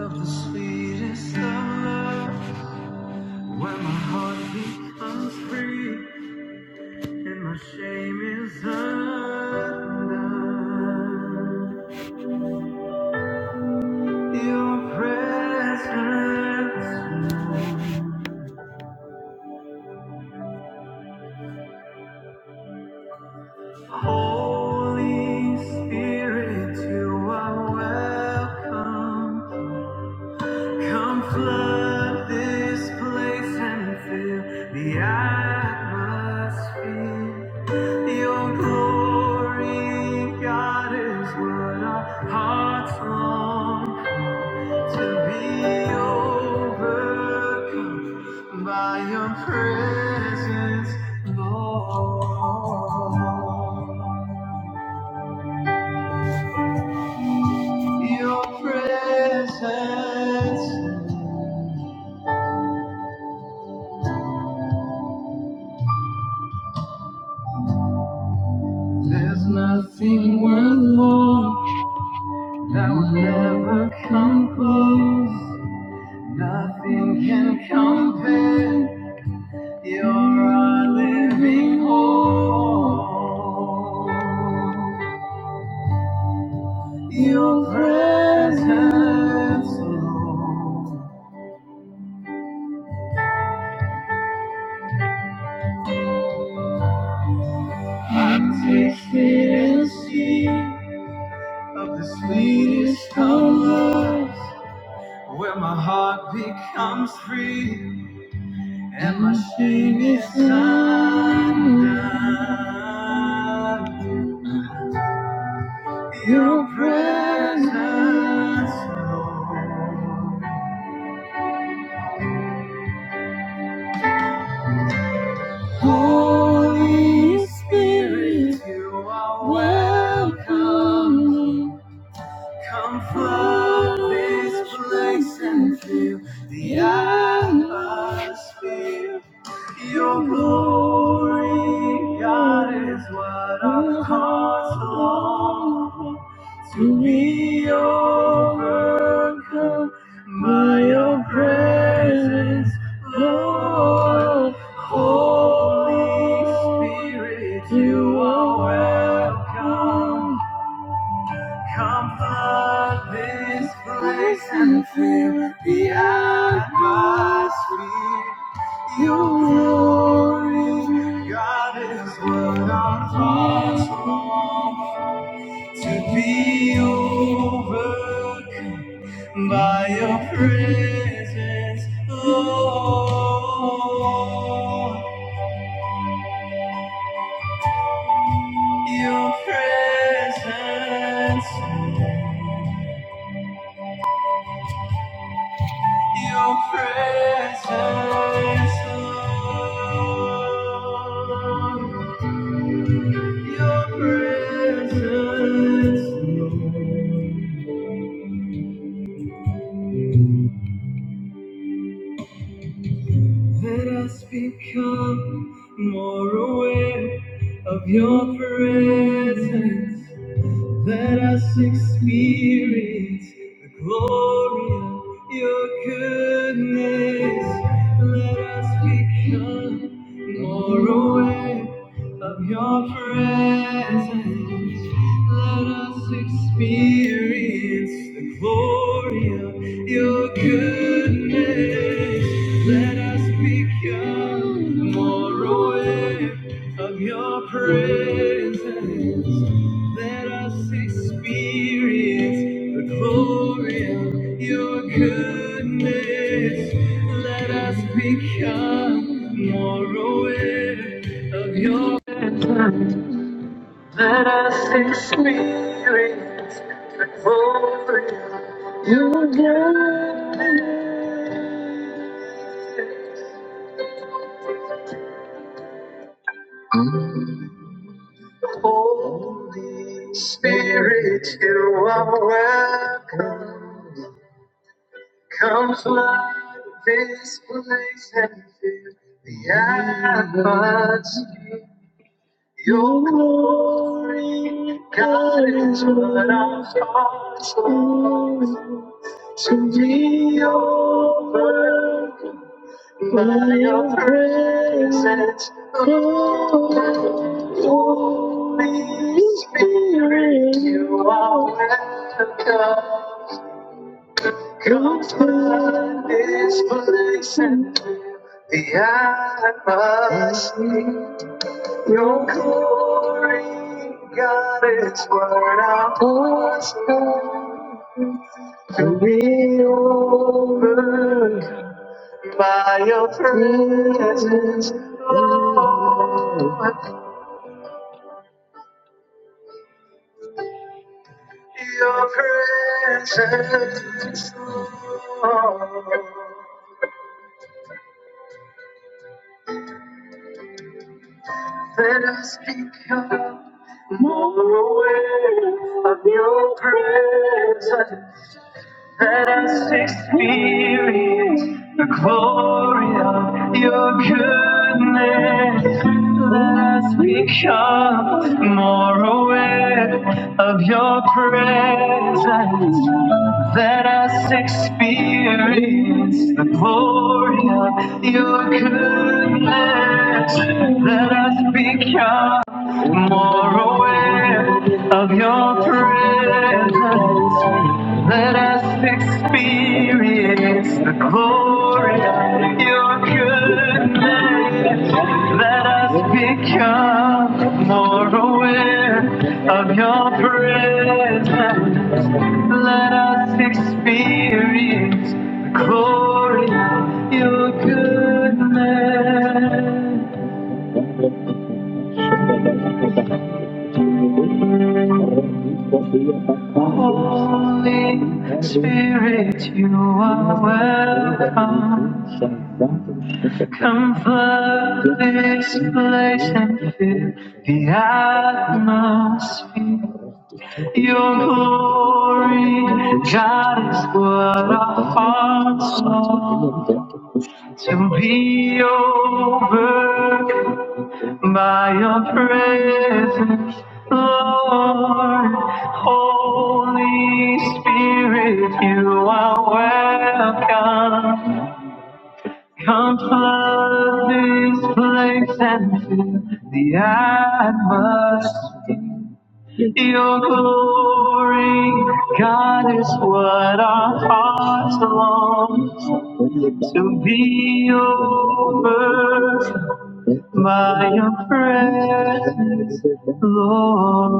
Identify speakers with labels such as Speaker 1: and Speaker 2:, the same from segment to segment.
Speaker 1: of the sweetest love, where my heart becomes free and my shame is undone. Your presence, Holy Spirit, you are welcome. Come flood this place and fill the atmosphere. Your glory, God, is what our hearts long to be overcome by your presence, Lord. Your presence, there's nothing worth more. That will never come close. Nothing can compare. You're our living hope. Your presence, Lord. I've tasted and seen of the sweetest of loves, where my heart becomes free. And my shame is undone. Your presence, Lord. Holy Spirit, you are welcome. Come flood this place and fill the atmosphere. Your glory, God, is what our hearts long for. To be overcome by your presence, Lord. Holy Spirit, you are welcome Comfort this place and fill the atmosphere. Your glory, God, is what our hearts long to be overcome by your presence, Lord. Your presence. Your presence, Lord. Your presence, Lord. Let us become more aware of your presence. Let us experience the glory of your goodness. Let us become more aware of your presence. Let us experience the glory of your goodness. Let us become more aware of your presence. Let us experience the glory of your goodness. Let us become more aware of your. Let us experience the glory of your goodness. Holy Spirit, you are welcome. Come flood this place and fill the atmosphere. Your glory, God, is what our hearts long to be overcome by your presence. Oh, Holy Spirit, you are welcome. Come flood this place and fill The must see your glory, God, it's what I want to be overcome by your presence, Lord. Your presence, Lord. Let us become more aware of your presence. Let us experience the glory of your goodness. Let us become more aware of your presence. Let us experience the glory of your goodness. Let us become more aware of your presence. Let us experience the glory of your goodness. Let us become more aware of your presence. Let us experience the glory of your goodness. Holy Spirit, you are welcome. Come flood this place and fill the atmosphere. Your glory, God, is what our hearts long to be overcome by your presence, Lord. Holy Spirit, you are welcome. Come flood this place and fill the atmosphere. Your glory, God, is what our hearts long to be over by your presence, Lord.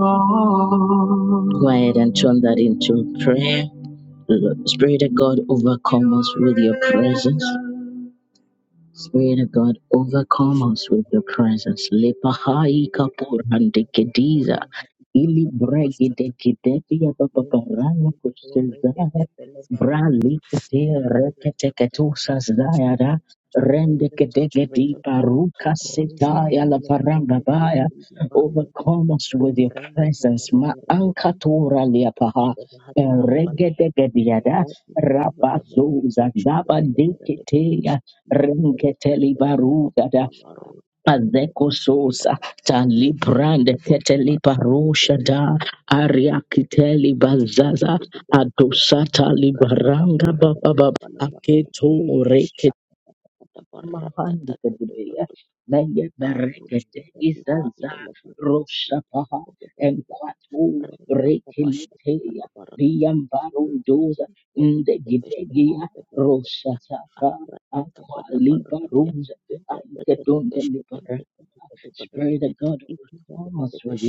Speaker 2: My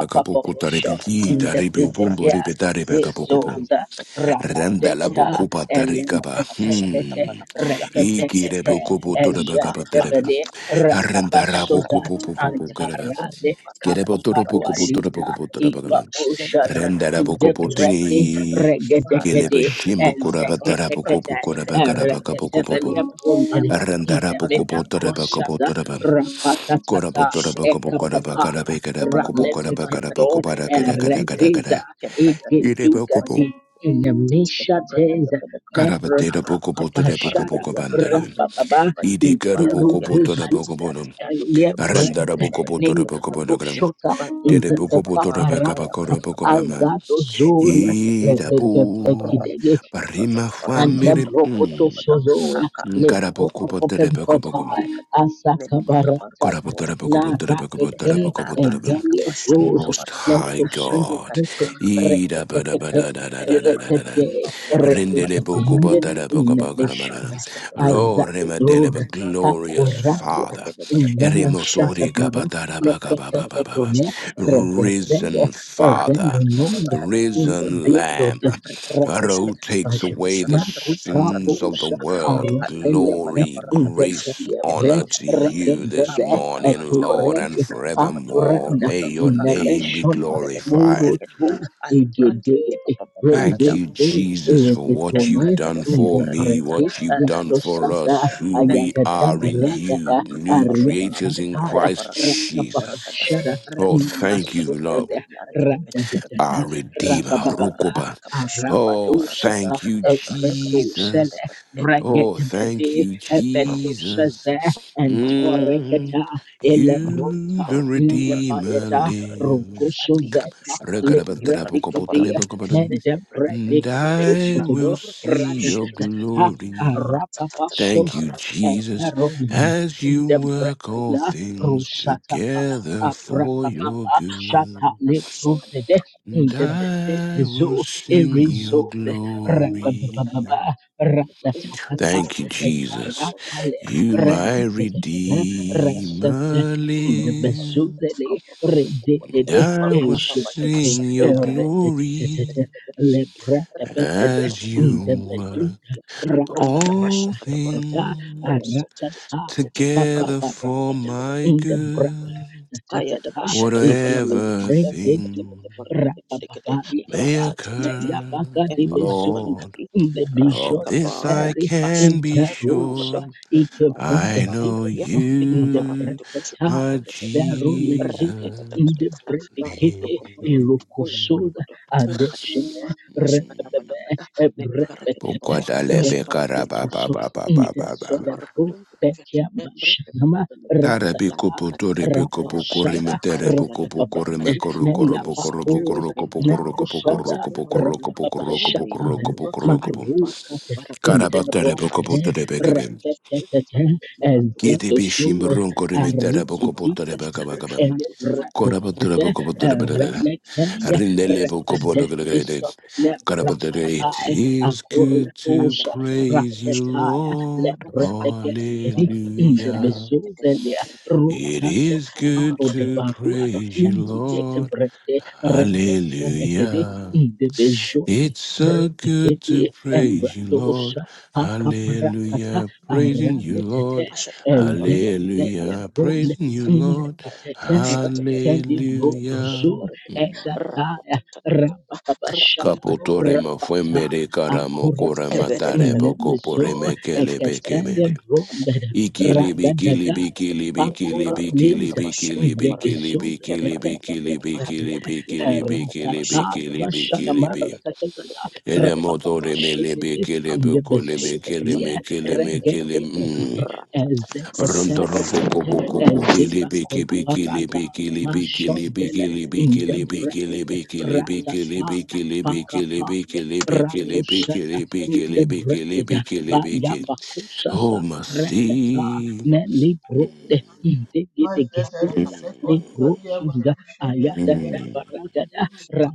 Speaker 3: Acapulco taripiki taripi bumbo ripi taripi acapulco bum. Randa la bocupa taricapa. Hmm. Iki rebucupo torabacapa terebe. Randa rabucupo pupupu kerebe. Kerebo toropucupo toropucupo torabacapa. Randa rabucupo tini. Kelebe shimbo kurabatarapucupo kurabacarapa capocopo. Randa rabucupo torabacopo torabam. Parima family. Mm. Ngarabokobo Most High God. Lord, glorious Father. Risen Father. Risen Lamb. God who takes away the sins of the world. Glory, grace, honor to you this morning, Lord, and forevermore. May your name be glorified. Thank you, Jesus, for what you've done for me, what you've done for us, who we are in you, new creatures in Christ Jesus. Oh, thank you, Lord, our Redeemer, Rukuba. Oh, thank you, Jesus. Oh, thank you, Jesus. Mm, you, the Redeemer, lives. And I will see your glory. Thank you, Jesus, as you work all things together for your good. And I will sing your glory. Thank you, Jesus. You, my Redeemer, live. And I will sing your glory as you work all things together for my good. Whatever thing may occur, Lord, of this I can be sure. I know you, my Jesus. name. Bokwadalebe karababababababa. Tarabi kopo torebe kopo koreme terebe kopo koreme koro koro bo koro bo koro kopo koro kopo koro kopo koro kopo koro kopo koro kopo koro kopo. Karaba terebe kopo terebe kebe. bishim ron koreme terebe kopo terebe kaba kaba. Koraba terebe kopo Rindele pokopodokodokode. Karabadere. It is good to praise you, Lord. Hallelujah. It is good to praise you, Lord. Hallelujah. It's so good to praise you, Lord. Hallelujah. Praising you, Lord. Hallelujah. Praising you, Lord. Hallelujah. Hmm. Kapotore ma fue mere karamo cora matare boko pore me kele beke mere. Ikili bikili bikili bikili bikili bikili bikili bikili bikili bikili bikili bikili bikili bikili bi. Ere motore me le bekele boko le me kele me kele me kele. Rondoropoco poco poco pote libiki biki libiki libiki libiki libiki libiki libiki libiki libiki libiki libiki libiki libiki libiki libiki libiki libiki Oh masi
Speaker 2: faith every second, Adia Barusha, Adia,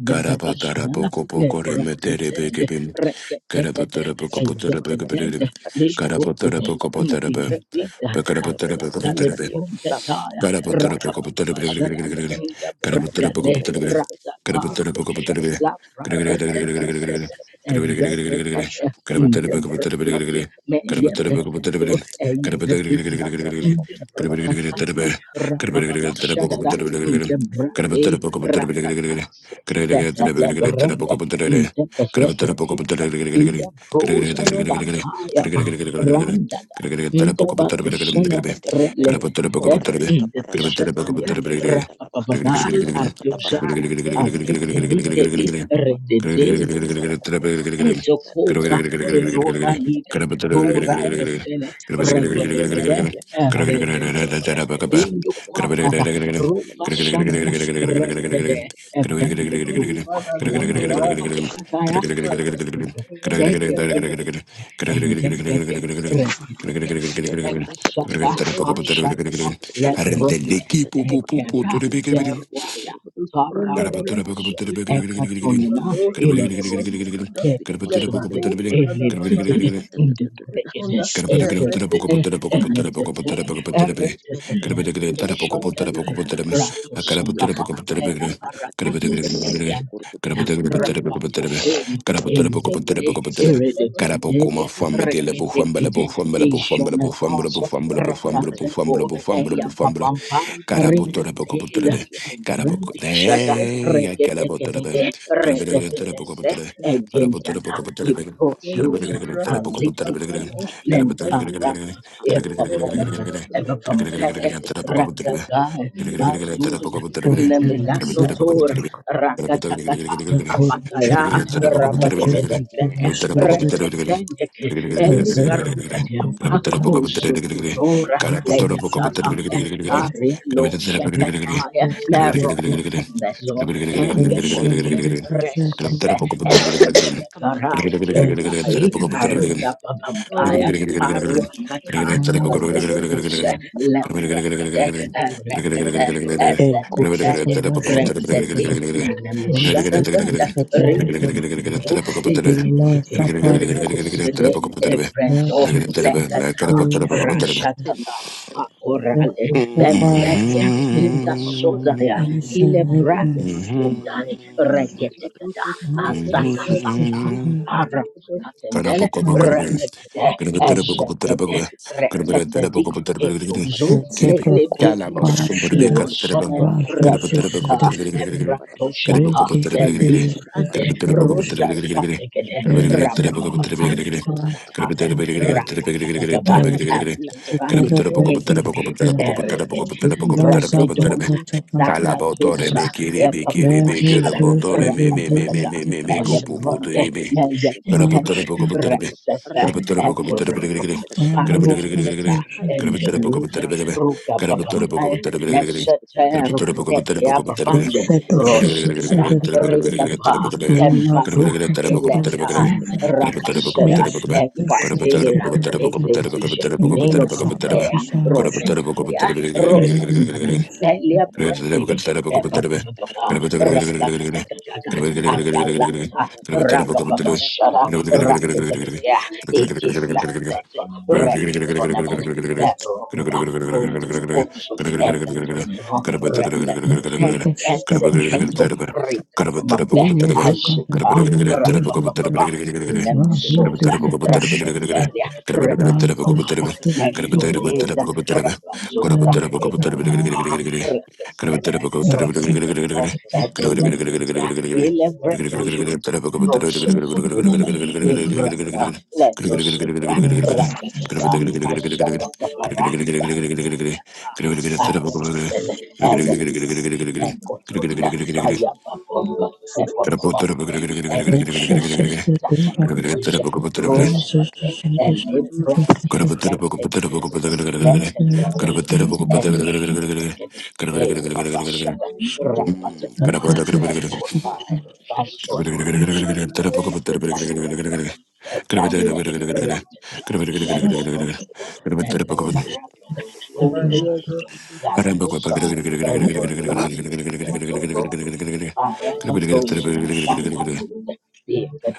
Speaker 3: Carapatara poco poco remetere bikibim Carapatara poco potara bikibim Carapatara poco potara bikibim. Carapatara poco potara Got Arendelle
Speaker 2: And then I will have those in my Kundi baada ya tundu la mafayo Father,
Speaker 3: ki pu pu pu pu tu Karabatara
Speaker 2: defender that is people over those who are Father, Lebanon, Father, Mother, Father,
Speaker 3: Carabotere,
Speaker 2: everything, you have sent to the Father, Father, Father, and God,
Speaker 4: Iman sapana
Speaker 2: you know,
Speaker 3: Gracias. Mm-hmm.
Speaker 2: sorrows we may suffer, as well as
Speaker 4: kudivan, na Jesus The
Speaker 2: in
Speaker 4: water
Speaker 3: Mm-hmm.
Speaker 4: parachute with its nipples
Speaker 2: practical
Speaker 3: Mm-hmm. Mm-hmm. Karabokobo
Speaker 4: and zebra quota parachute rasus destined Reiki separatus parachute quota parachute every
Speaker 2: the
Speaker 4: development
Speaker 2: people
Speaker 4: Igma Zappa
Speaker 2: to the
Speaker 4: quota parachute
Speaker 2: source of
Speaker 3: Calabotore me kiri be kiri be gura
Speaker 4: Bevesus
Speaker 3: botore
Speaker 4: the
Speaker 3: me me me me
Speaker 4: Billy
Speaker 3: me me
Speaker 4: quota
Speaker 3: me go po po tere me. Gura botore po po tere me. Gura botore po po tere me giri giri. Gura botore
Speaker 4: Thank
Speaker 3: giri giri giri. Gura botore po po tere me me. Gura botore po po tere me giri giri. Gura botore po po tere po po tere me. Gura botore giri giri giri giri tere po tere giri giri tere po tere. Gonna put Gracias.
Speaker 4: Thank you.
Speaker 3: Mm.
Speaker 2: of hope. My ear goes to the hope,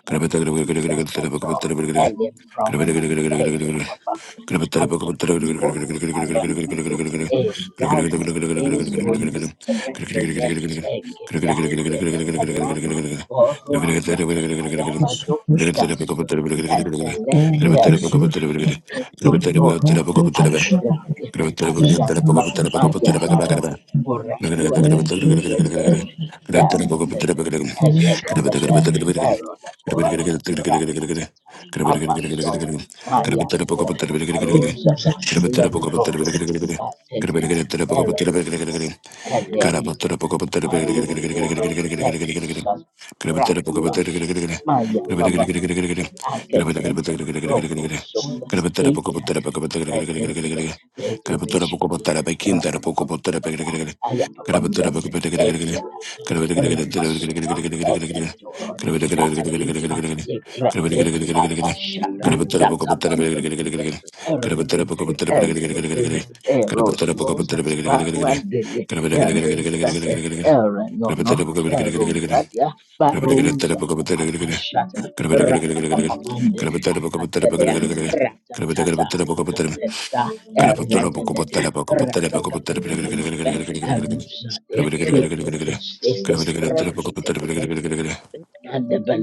Speaker 3: Gracias. Karabatara Gracias.
Speaker 2: the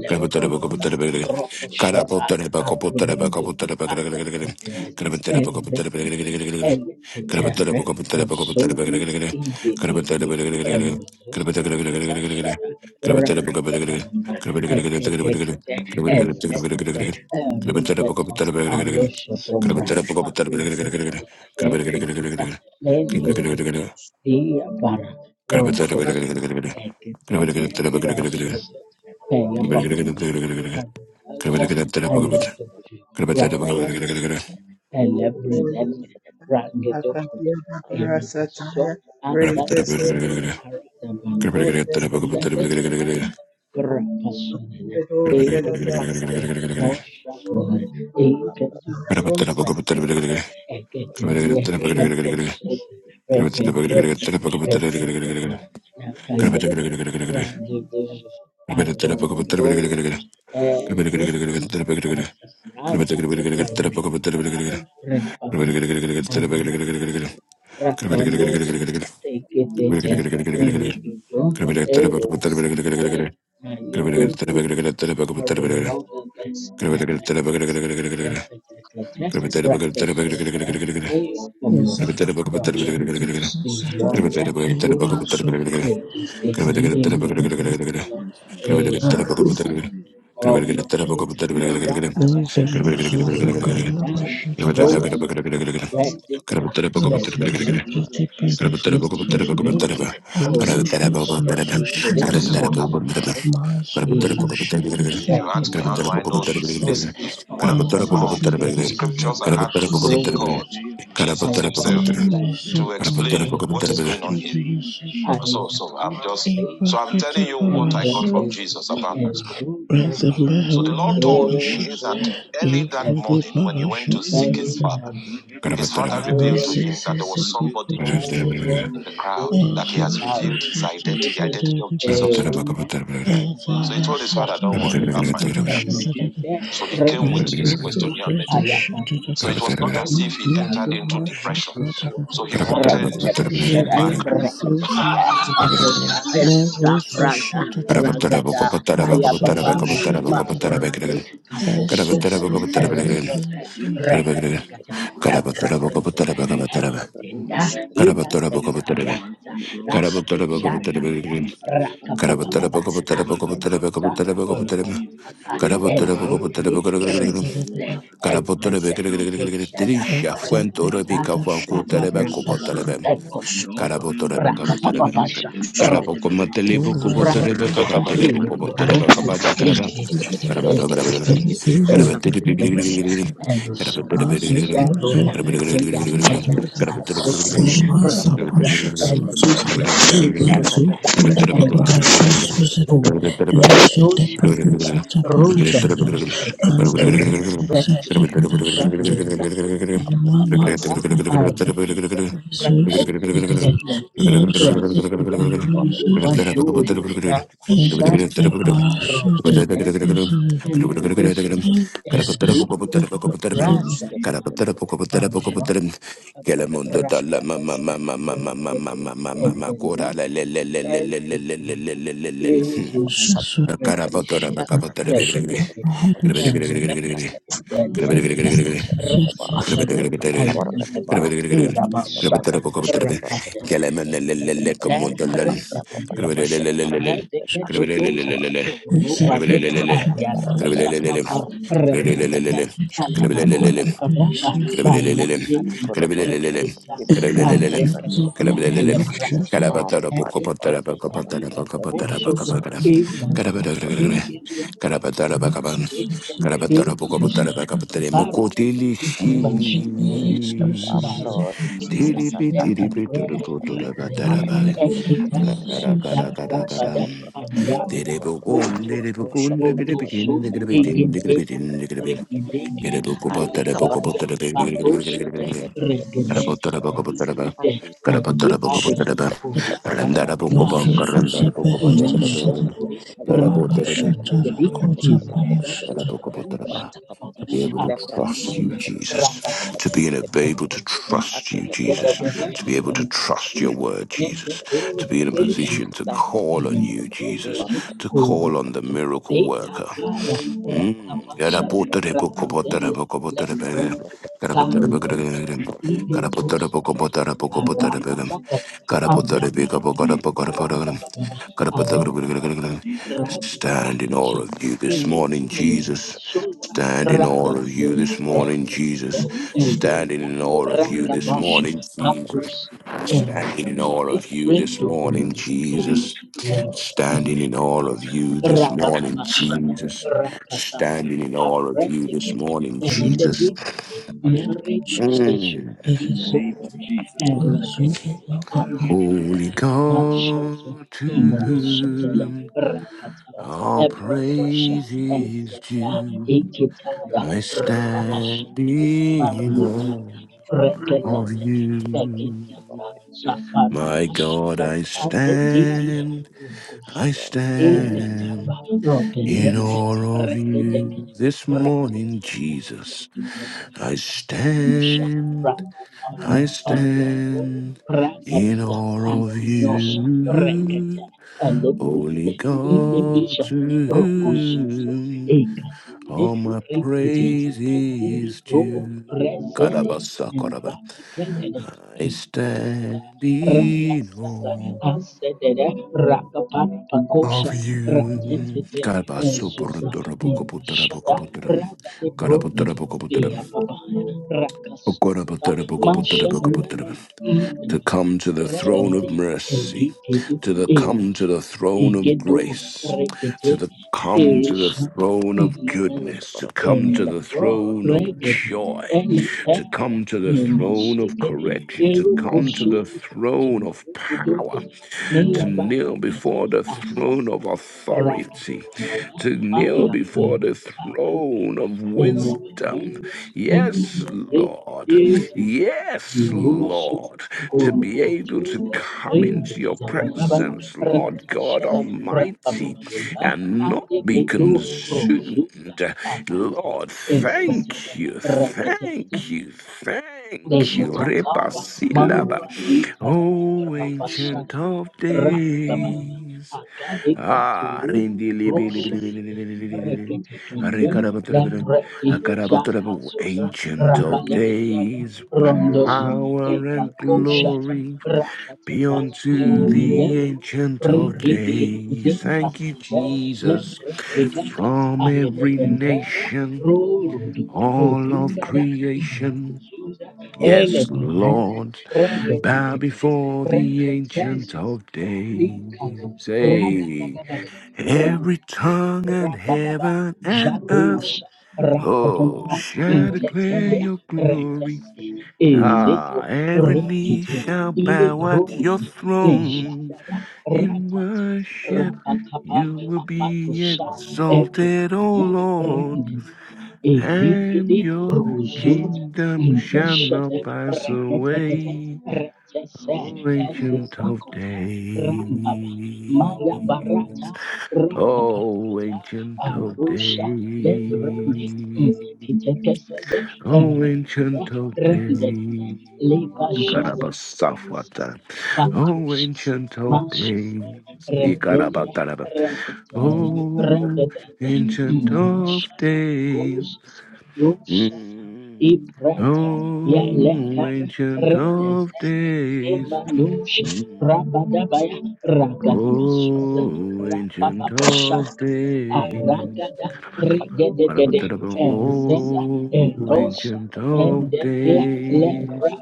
Speaker 3: Gracias.
Speaker 2: Pero Shaddai to be also implement every effort
Speaker 3: Can
Speaker 4: Yes, I forgot shadows. Saturday evening, Maso, Zubao, Rahu. There is a Maso,
Speaker 3: I
Speaker 4: Kalava Shadow. This is a pretty
Speaker 3: Gracias.
Speaker 4: pedestal, Easy Peso, so
Speaker 5: So this is what
Speaker 4: shadow.
Speaker 5: happened.
Speaker 4: Maso, so shadow,
Speaker 5: If you ask me,
Speaker 4: Sapico,
Speaker 5: how do I
Speaker 4: Sapo
Speaker 5: know this?
Speaker 4: Shadow.
Speaker 5: This is one of the
Speaker 4: Exit is a
Speaker 5: scriptures I had to seek
Speaker 4: precious.
Speaker 5: God, Jesus Himself,
Speaker 4: A mercy,
Speaker 5: to explain
Speaker 4: Pula,
Speaker 5: what is
Speaker 4: Kata
Speaker 5: going on here.
Speaker 4: Shadow,
Speaker 5: So, so I'm just so I'm telling you what I got
Speaker 4: Ibakhataparasha
Speaker 5: from Jesus about that scripture. So the
Speaker 4: Rezemehuna
Speaker 5: Lord told me
Speaker 4: Nabashas
Speaker 5: that early that
Speaker 4: Zukudi
Speaker 5: morning when he
Speaker 4: Parasha
Speaker 5: went to seek his
Speaker 4: Tatatara
Speaker 5: father, his father revealed to him that there was somebody
Speaker 4: Rizizizibikutashatara
Speaker 5: in the crowd that he has revealed his identity, the identity of
Speaker 4: Ezususitishadara
Speaker 5: Jesus too. So he told his father, "Don't worry,
Speaker 4: Ezarasasushada
Speaker 5: I'll find out."
Speaker 4: Parasha Tatara
Speaker 5: So he came with his questionnaire method.
Speaker 4: Rezususitishadara
Speaker 5: So it was not as if he entered into
Speaker 4: Yuzumasha
Speaker 5: depression.
Speaker 4: Katatara
Speaker 5: So he wanted feedback
Speaker 4: Rizimedimisususadara Merusu shatatatata.
Speaker 3: Karabotorebe,
Speaker 4: Rasusu shatatatata. Esesesetatabasusu. By the power of the blood of Jesus, and by the finished work of the Lord at the cross of Calvary, I break all bloodline curses and all family curses and any
Speaker 3: Karaboko Matelepo Kobotereba
Speaker 4: generation
Speaker 3: Kabaterebo Kobotereba Kabata Karaba
Speaker 4: curse.
Speaker 3: Karabata
Speaker 4: Thank
Speaker 3: Karabata Karabateri Karabateri Karabotora,
Speaker 4: you. Empresas superfluas Jesus Rakashata Mahadas Jesus
Speaker 3: Mukotelishi. Tiri pi tiri Tiripi, tiripi, turupu, turaba, taraba, Kara Tiribukun, tiribukun, tikiripikin, tikiripitin, tikiripin, tikiripin. Kiribukupa, tarabukupa, tarabi, tikirikirikirikirikirikirikirikir. Karabu, tarabukupa, taraba. Karabu, tarabukupa, taraba. Randarabukupa,
Speaker 4: Mesusu
Speaker 3: karandarabukupa,
Speaker 4: sepeheti
Speaker 3: tikiripin.
Speaker 4: şedere.
Speaker 3: Karabu,
Speaker 4: Mara
Speaker 3: tiripi.
Speaker 4: şatara kota para şedere.
Speaker 3: To be able to trust you, Jesus. To be in- able to trust you, Jesus. To be
Speaker 4: Şedere.
Speaker 3: able to trust your word, Jesus. To be in a position to call on you, Jesus. To
Speaker 4: Mesusu
Speaker 3: call on the miracle worker. Mm. Stand in awe of you this morning, Jesus. Stand in awe of you this morning, Jesus. Standing in awe of you this morning, Jesus. Standing in awe of you this morning, Jesus. Standing in awe of you this morning, Jesus. Standing in awe of you this morning, Jesus. Mm.
Speaker 4: yapara.
Speaker 3: Holy God, to whom All praise is due. I stand in awe of you. My God, I stand, I stand in awe of you. This morning, Jesus, I stand, I stand in awe of you. Holy God, to whom? All my praise is due. Karabasakaraba. I stand in awe of you. Karabasoporotorobokopotorobokopotorom. Karabotorobokopotorom. Okorobotorobokopotorobokopotorobokopotorom. to come to the throne of mercy, to the come to the throne of grace, to the come to the throne of goodness, to come to the throne of joy, to come to the throne of correction, to come to the throne of power, to kneel before the throne of authority, to kneel before the throne of wisdom. Yes, Lord. Yes, Lord, to be able to come into your presence, Lord God Almighty, and not be consumed. Lord, thank you, thank you, thank you. Rebasilaba. Oh, ancient of days. Ah, rindi libi libi libi libi libi libi libi. Rekarabatarabara, akarabatarabara. Ancient of days, power and glory be unto the ancient of days. Thank you, Jesus. From every nation, all of creation. Yes, Lord, bow before the ancient of days. Hey. Every tongue in heaven and earth, oh, shall declare your glory. Ah, every knee shall bow at your throne. In worship, you will be exalted, O Lord, and your kingdom shall not pass away, O Ancient of Days. Oh, ancient of days. Oh, ancient of days. Karabasafwata. Oh, ancient of days. Ikarabataraba. Oh, ancient of days. Mm. Oh, ancient of days. Mm. Oh, ancient of days. Oh, ancient of days.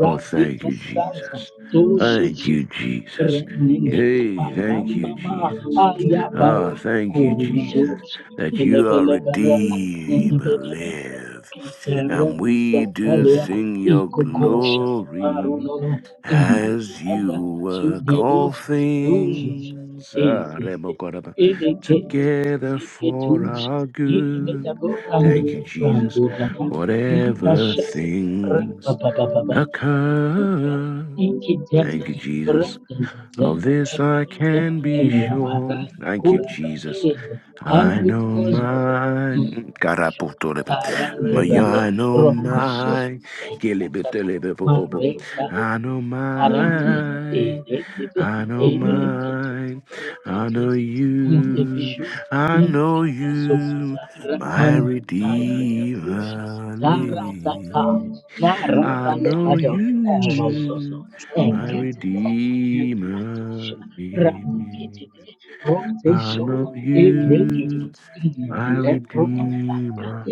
Speaker 3: Oh, thank you, Jesus. Thank you, Jesus. Yay, thank you, Jesus. Ah, thank you, Jesus, that you are Redeemer, live, and we do sing your glory. As you work all things ah, rebokoraba, together for our good. Thank you, Jesus. Whatever things occur. Thank you, Jesus. Of this I can be sure. Thank you, Jesus. I know mine. Cara por todo. My, I know mine. Kilibitilibi- bo- bo- bo- I know mine. I know mine. I know you. I know you. My Redeemer lives. I know you. My Redeemer lives. I know you my Redeemer.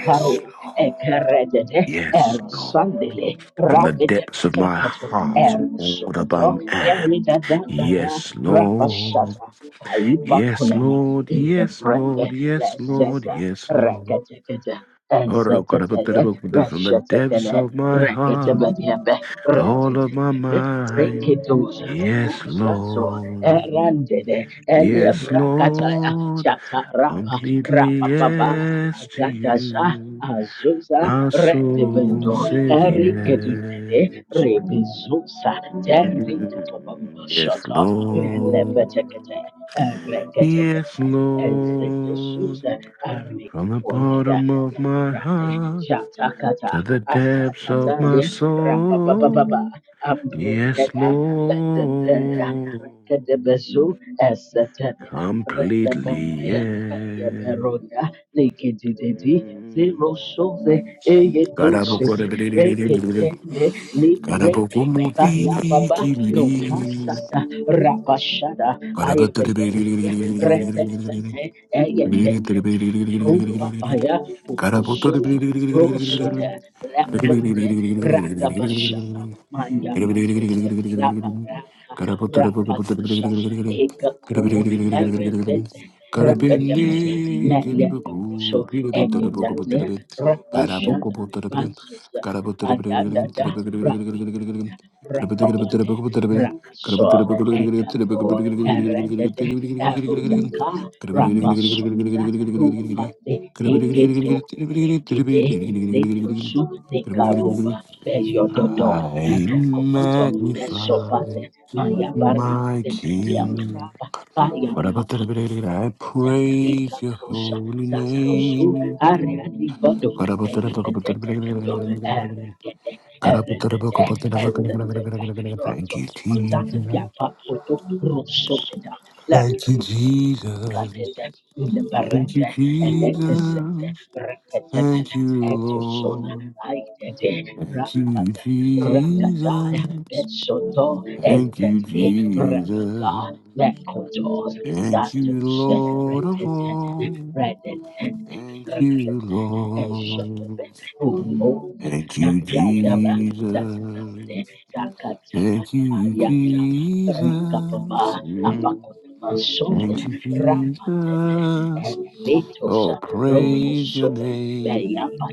Speaker 3: Yes, Lord. yes, Lord, From the depths of my heart and all that I am. Yes, Lord. Yes, Lord. Yes, Lord. Yes, Lord. Yes, Lord. Oh, God, I put that book there from the depths of my heart, the whole of my mind. Yes, Lord. Yes, Lord. Completely yes to you. My soul says yes. Mm, Yes, Lord. Yes, Lord. From the bottom of my heart to the depths of my soul. Yes, Lord. Completely, yes. Mm. Carabindi, Kiribuku, Kiribit, I magnify my King. What about I praise your holy name. Thank you, Jesus. Thank you, Jesus. Thank you, Jesus. Thank you, Lord. Thank you, Jesus. Thank you, Jesus. Thank you, Lord of all. Thank you, Lord. Thank you, Jesus. Thank you, Jesus. Mm. Thank you, Jesus. Oh, praise your name.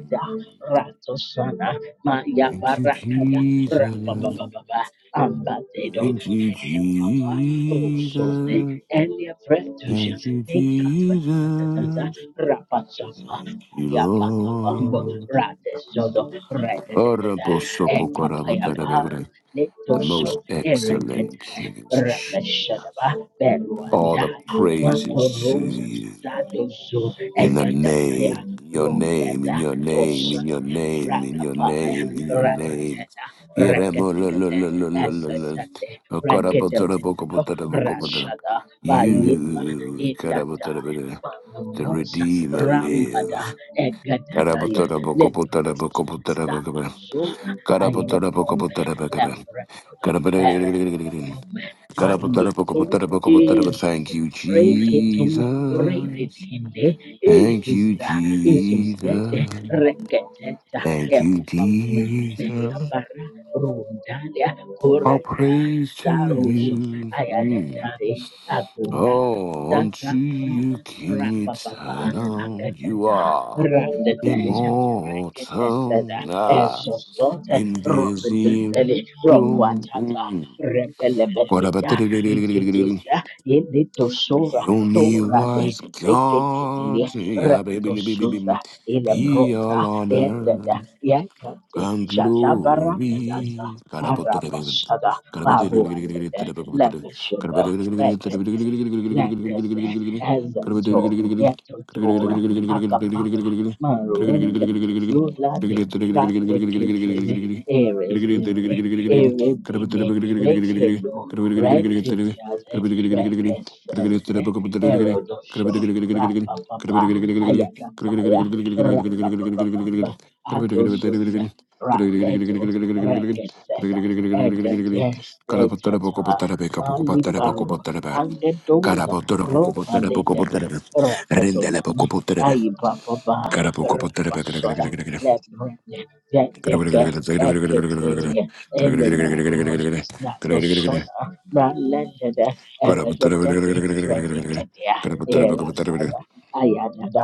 Speaker 3: Thank you, Jesus. Thank you, Jesus. Thank you, Jesus. Thank you, Lord. Orobosopokorabatagadagra. The most excellent King. is Jesus. All the praises to you. In the name, your name, in your name, in your name, in your name, in your name. Yeremo lo lo lo lo lo lo lo. Okarabotora boko botora boko botora. You karabotora boko Terrali, Carabotora Bocopotara Bocopotara Bocaba, Carabotora Bocopotara Bocaba, Carabin, Carabotobota. Thank you, Jesus. All praise to you. Oh, unto you, King Eternal, you are immortal, ah, invisible. Mm. Ba-da-ba-da-da-da-da-da-da-da-da. The only wise God, yeah, baby, baby, baby, be all honor. and glory. Carabotore, Carabotera,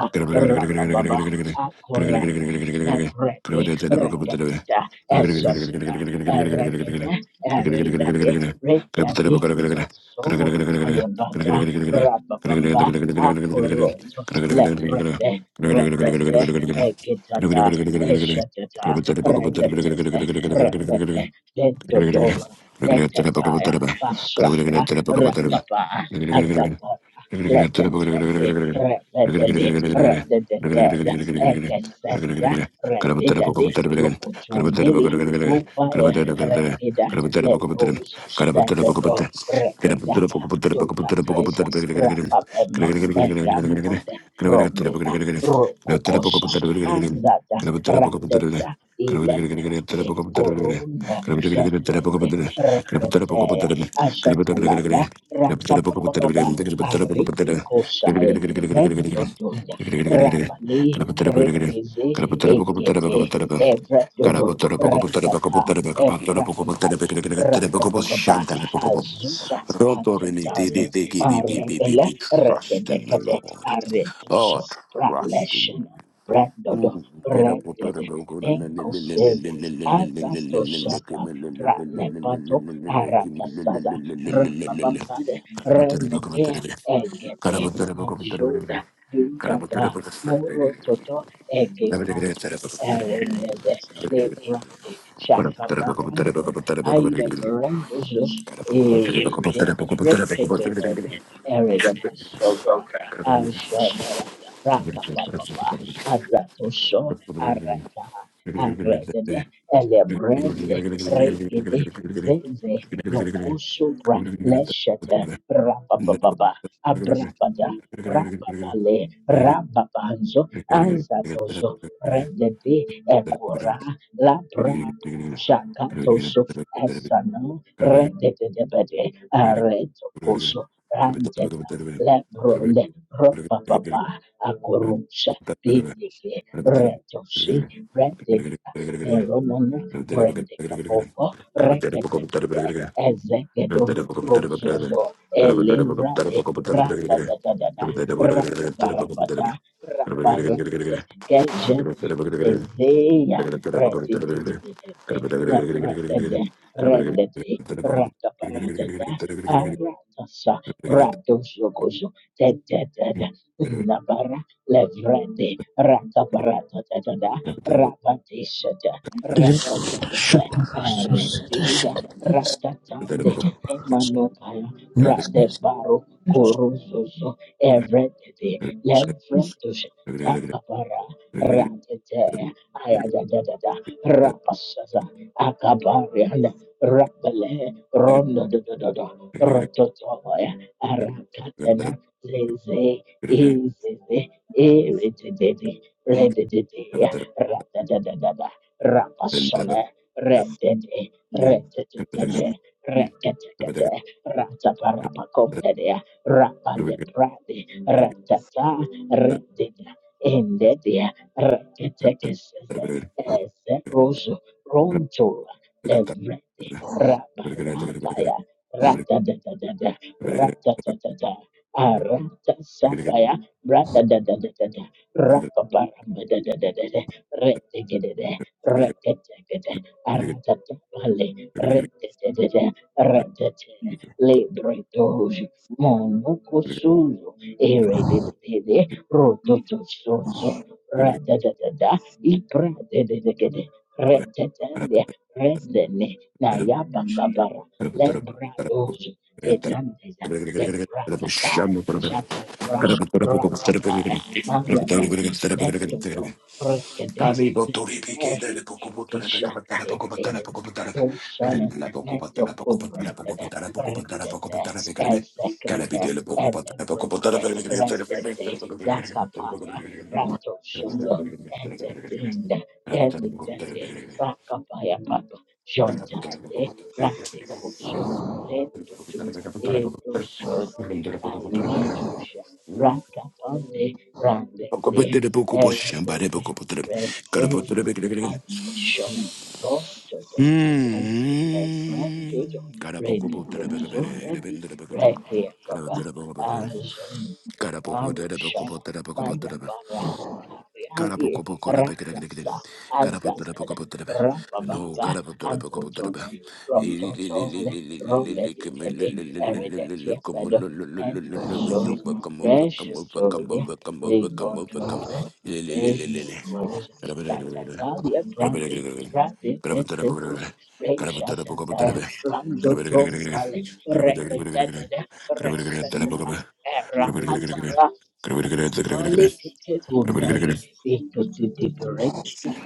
Speaker 3: Gracias. Gracias. Trust in the Lord. Oh, trust in you. Mm, Get up, go to the go go to the le- Gracias.
Speaker 4: Dere kota şatara sosyete şedere. Kota para Mesusu
Speaker 3: Shama Thank you. Mm. Karabokoboterebekebere, rebendebekebere. Karabokoboterebekebere, karabokoboterebekebere. Karabokobokorabekerekerekere. Karabotorabokobotorebe. No, karabotorabokobotorebe. Ilililililililililikimilililililili. Come on, lululululu. We overcome, overcome, overcome, overcome, overcome, overcome. Ilililililili.
Speaker 4: şedere.
Speaker 3: Karabotorabokobotorebe. Karabotorabokobotorebe. Karabotorabokobotorebe. Karabotorabokobotorebe. Karabotorabokobotorebe. Karabotorabokobotorebe. Karabotorabokobotorebe. Karabotorabokobotorebe. Karabotorabokobotorebe.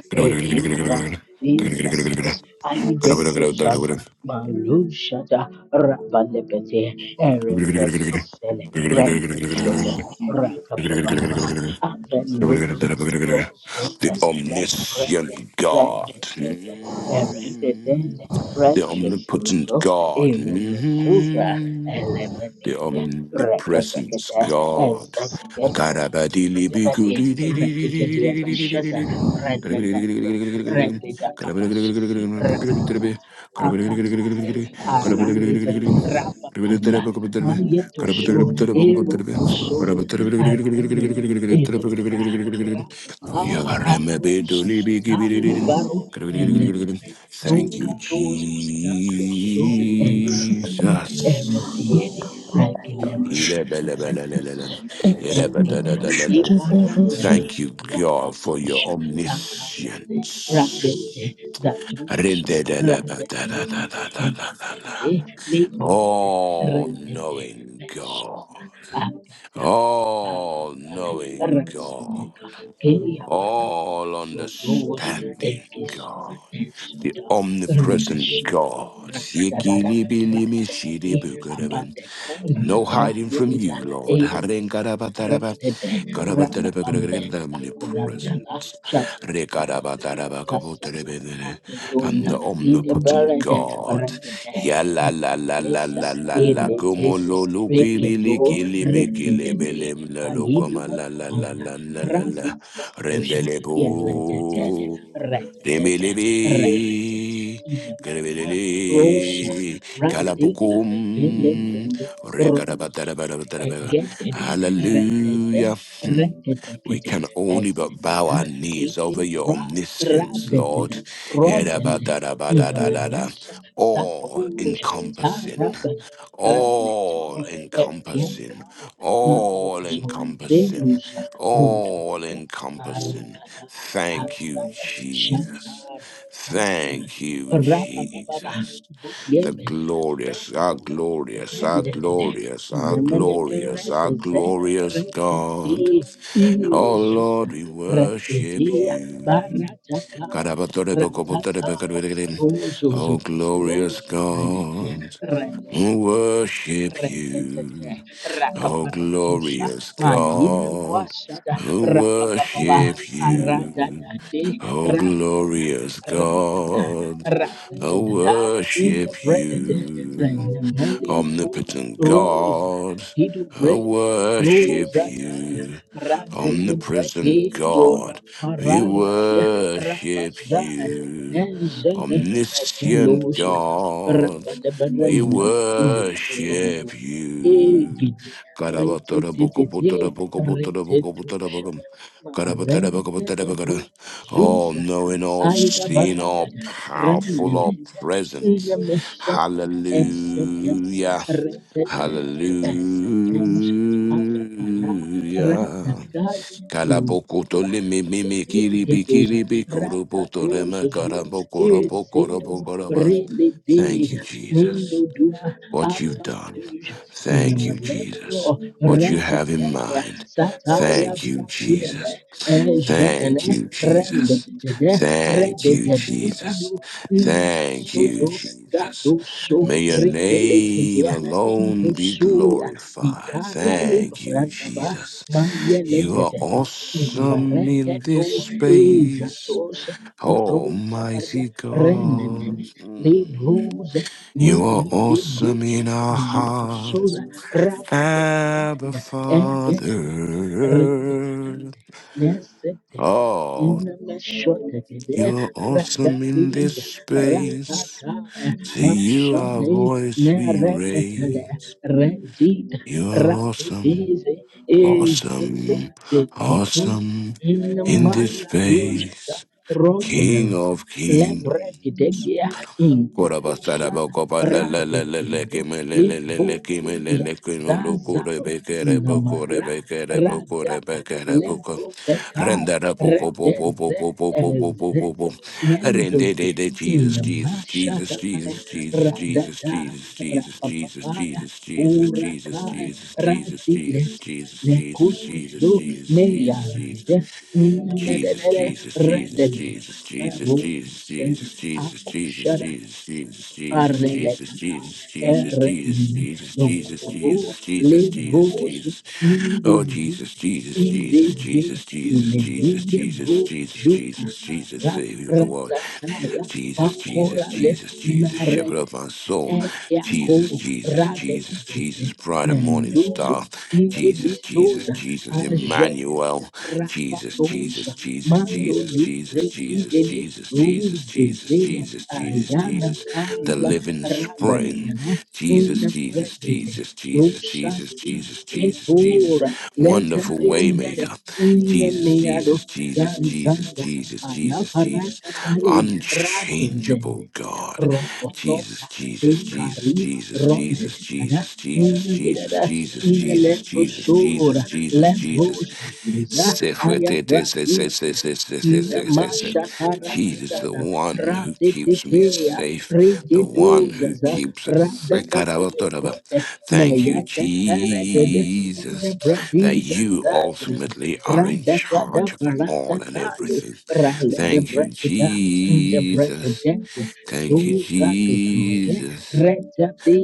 Speaker 3: The omniscient God, Mm. the omnipotent God, Mhm. The omnipresence, God. Thank you,
Speaker 4: It's
Speaker 3: Jesus. Thank
Speaker 4: not just a game.
Speaker 3: you, God, for your omniscience. All, all, all on you, God, the omnipresent God. No hiding from you, Lord. Omnipresent. Rekarabakarabakoboterebedere. I'm the omnipotent God. Ya la la la la la la la como lo lo kibili kili me kili belem la lo como la la la la la la la rendele bo remeli gri kal ratara ya hmm. We can only but bow our knees over his Lord. Erabadabadabadada. All, all encompass, all encompassing. Calling God, who worship you, O glorious God, I worship you. Omnipotent God, I worship you. Omnipresent God, we worship you. Omniscient God, we worship you. Karabatara boko botara boko botara boko botara boko. Karabatara boko botara boko. All knowing, all seeing, all powerful, all present. Hallelujah. Hallelujah. Kalabokoto le me me me kiri bi kiri bi kuroboto rema karaboko roboko roboko roba. Thank you, Jesus. What you've done. Thank you, Jesus. What you have in mind. Thank you, Jesus. Thank you, Jesus. Thank you, Jesus. Thank you, Jesus. May your name alone be glorified. Thank you, Jesus. You are awesome in this space. Almighty God, Mm. you are awesome in our hearts. Abba, Father. Oh, You're awesome in this space. To you, our voice we raise. You are awesome, awesome, awesome in this space. King of kings. Jesus, Jesus, Jesus, Jesus, Jesus, Jesus, Jesus, Jesus, Jesus, Jesus, Jesus, Jesus, the living spring. Jesus, Jesus, Jesus, Jesus, Jesus, Jesus, Jesus, Jesus, wonderful waymaker. Jesus, Jesus, Jesus, Jesus, Jesus, Jesus, Jesus, unchangeable God. Jesus, Jesus, Jesus, Jesus, Jesus, Jesus, Jesus, Jesus, Jesus, Jesus, Jesus, Jesus, Jesus, Jesus, Jesus. Se fue te- te- se- se- se- se- se- se- se- se- se. He is the one who keeps me safe, the one who keeps it. Thank you, Jesus, that you ultimately are in charge of all and everything. Thank you, Jesus. Thank you, Jesus.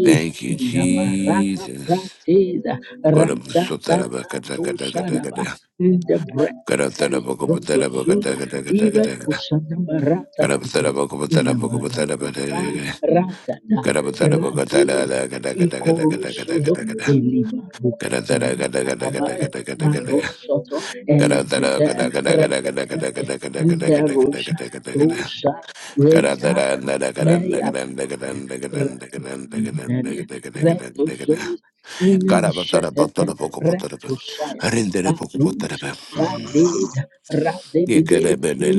Speaker 3: Thank you, Jesus. Karabasara You, Jesus. You,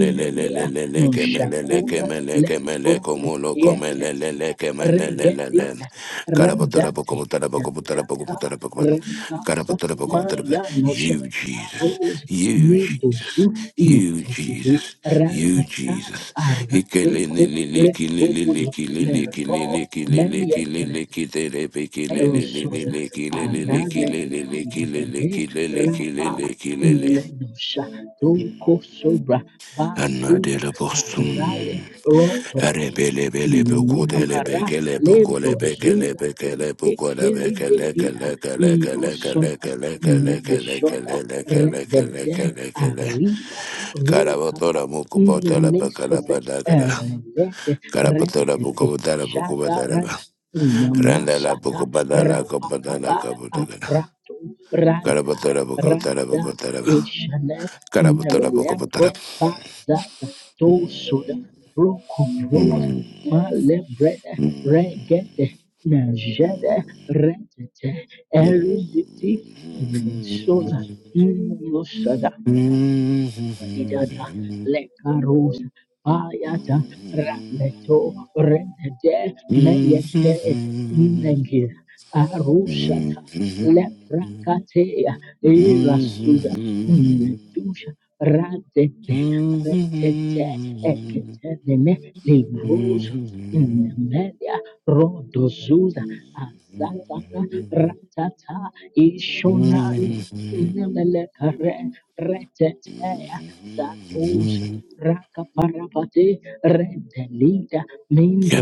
Speaker 3: Jesus. You, Jesus. You, Jesus. Anadele postum, rebele bele bekudele bekele bekole bekele bekele bekole bekele kele kele kele kele kele kele kele kele kele kele kele kele karabotora mukubotola bekala bedagara karabotora mukubotala mukubotala ba rendela mukubotala kubotala kubotala karabotora mukubotala mukubotala ba karabotora mukubotala. Hmm. Hmm. Hmm. Get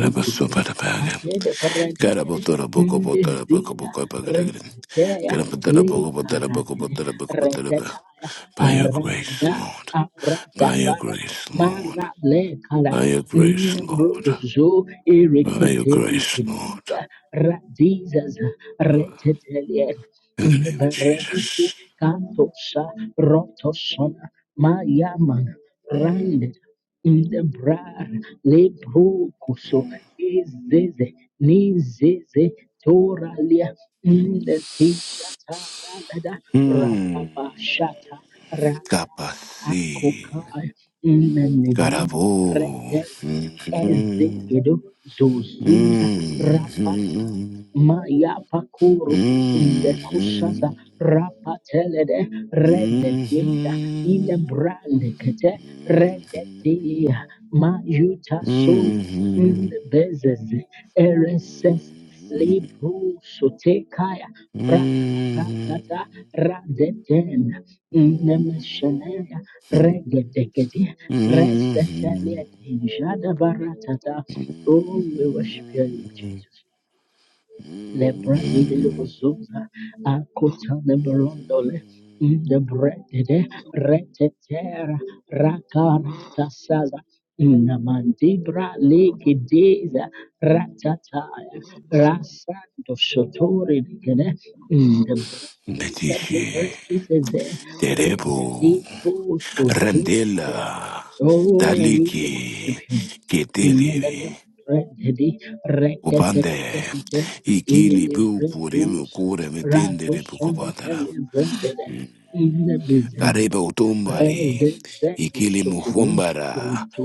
Speaker 3: up a super bag. Get up a little book of water, book of book of By your grace, Lord. By your grace, Lord. By your grace, Lord. By your grace, Lord. In the name of Jesus. God, I will. Mm, mm, mm, mm, mm, mm, mm, mm, mm, mm.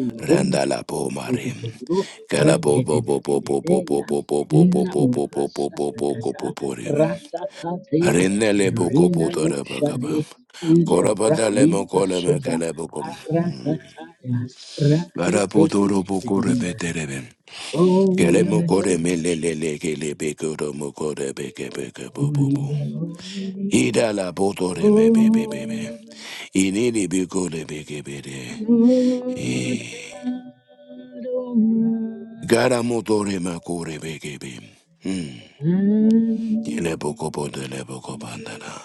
Speaker 3: Idala boto de me bebe bebe. Inini biko de beke bede. Gara motore ma kore beke bim. Hmm. Yine boko bodo le boko bandana.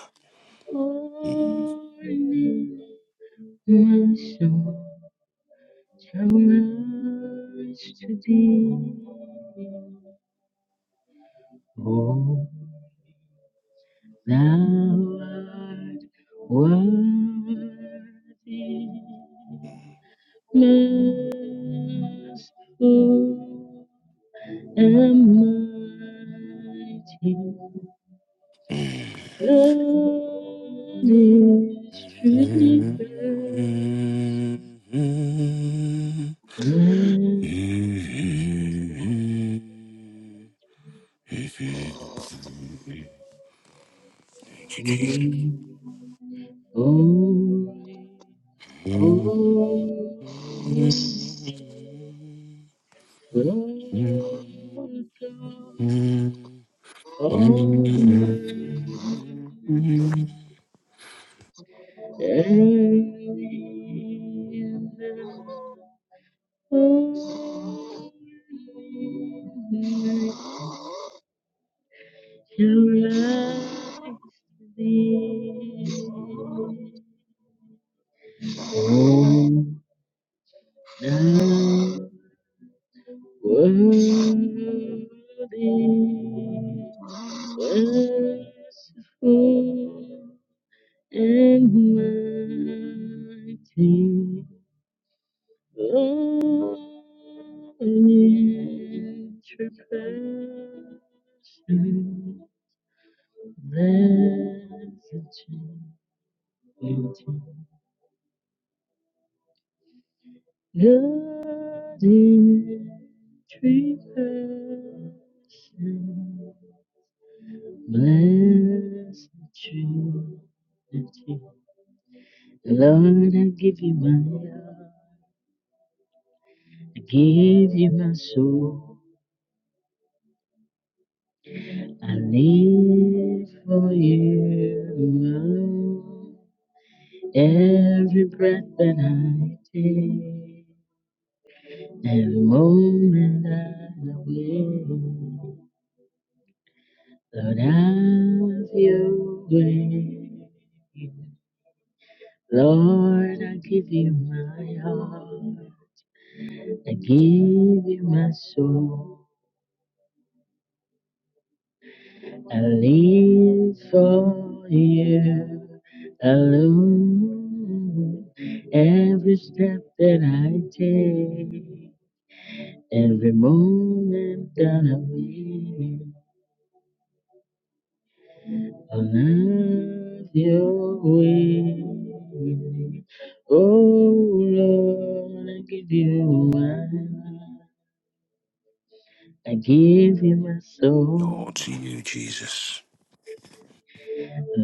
Speaker 3: Oh, to you, Jesus.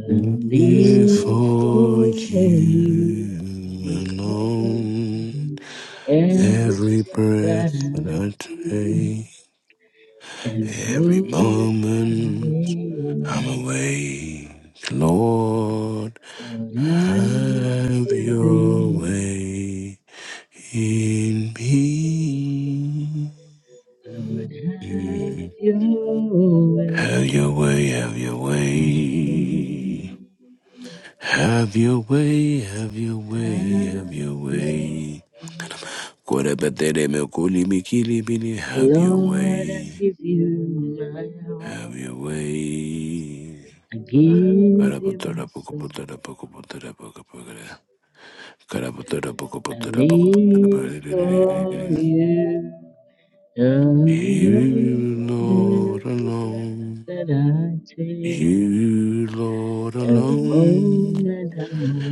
Speaker 3: Before you alone, every breath that I take, every moment I'm awake, Lord, have your way in me. Mm. Have your way, have your way. Have your way, have your way, have your way. Kwerepetere mekuli mikili bili. Have your way. Have your way. Karapatora pokapotora pokapotora pokapotora. Karapatora pokapotora pokapotora. You, Lord, alone. You, Lord, alone.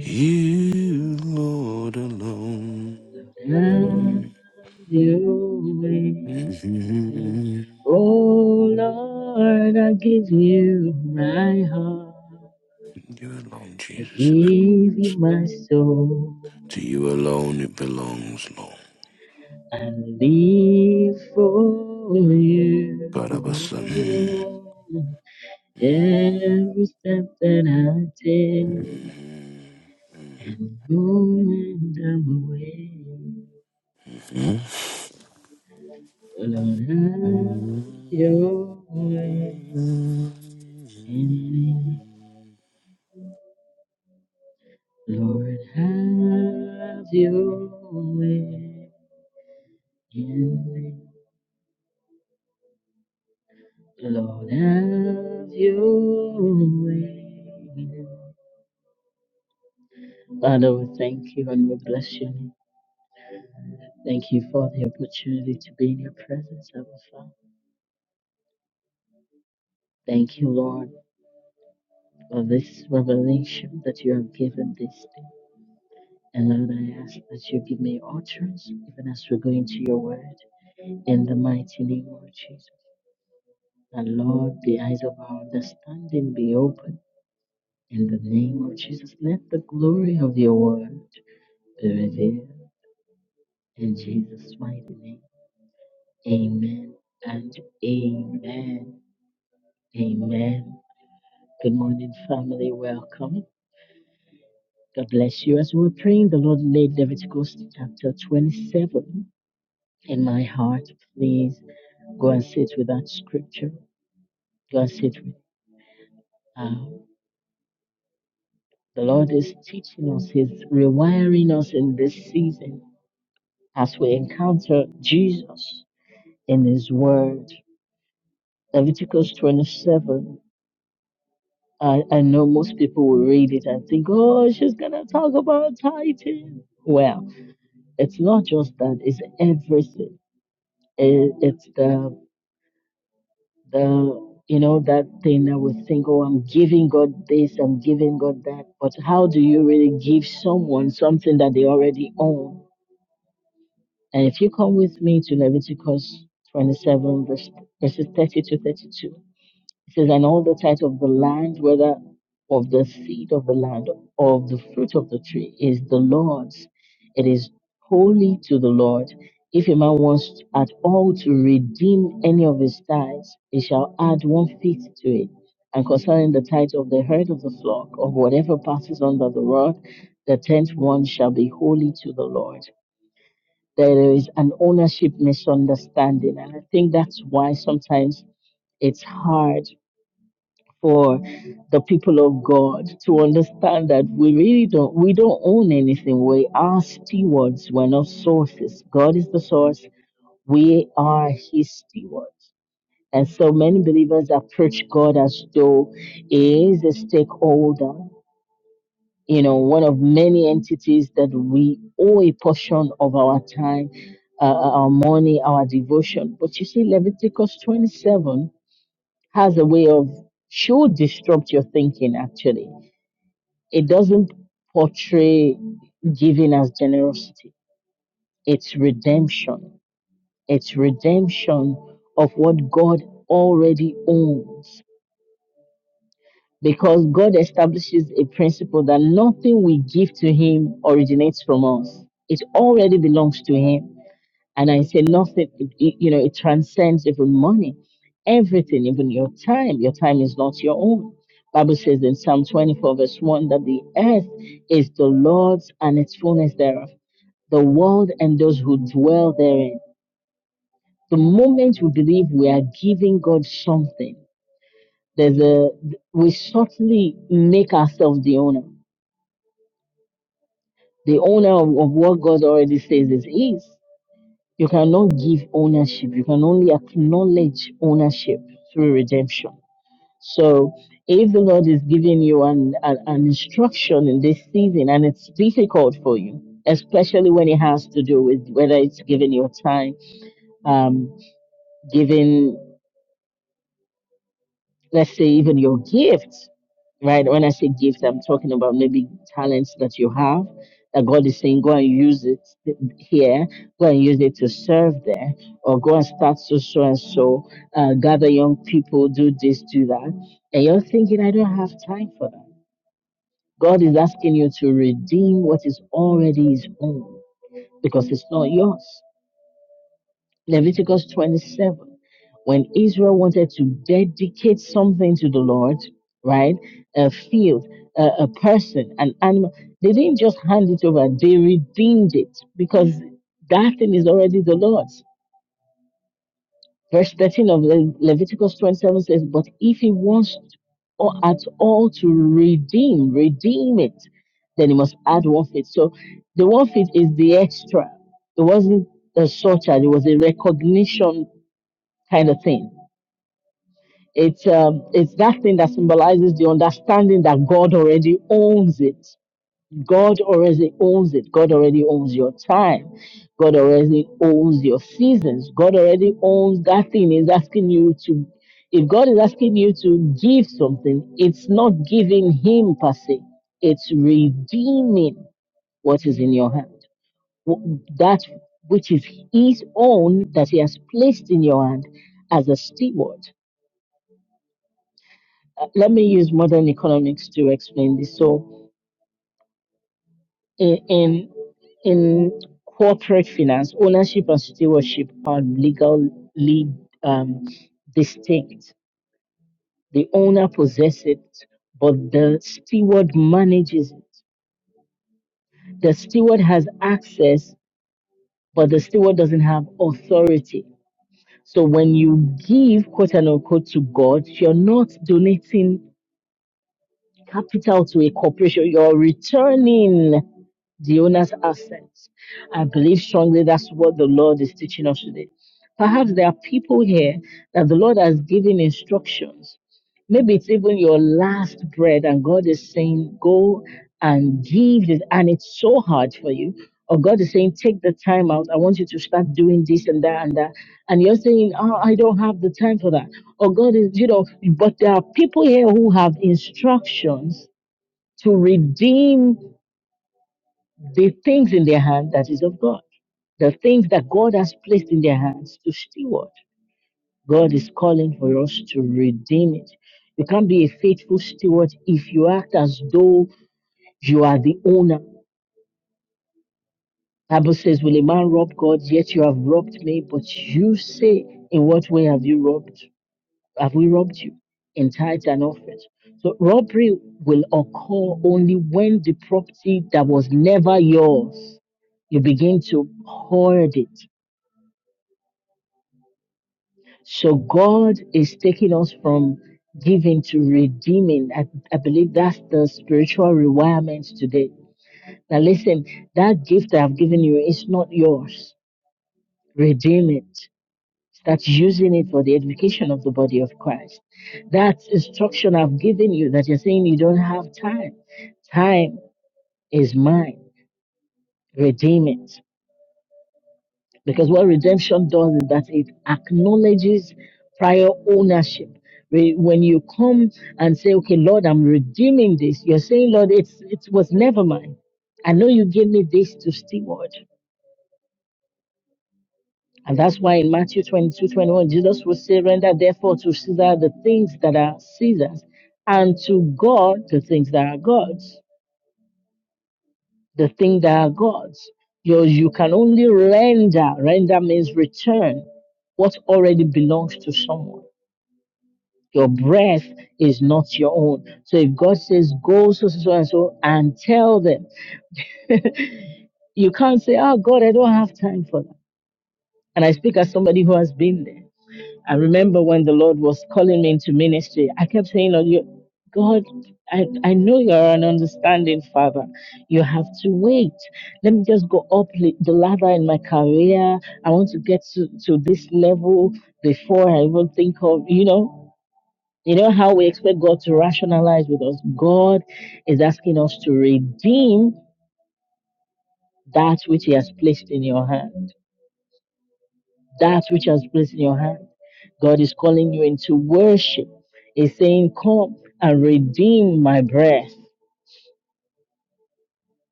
Speaker 3: You, Lord, alone. Mm. You alone, Jesus. it belongs. To you alone it belongs, Lord. Karabasa.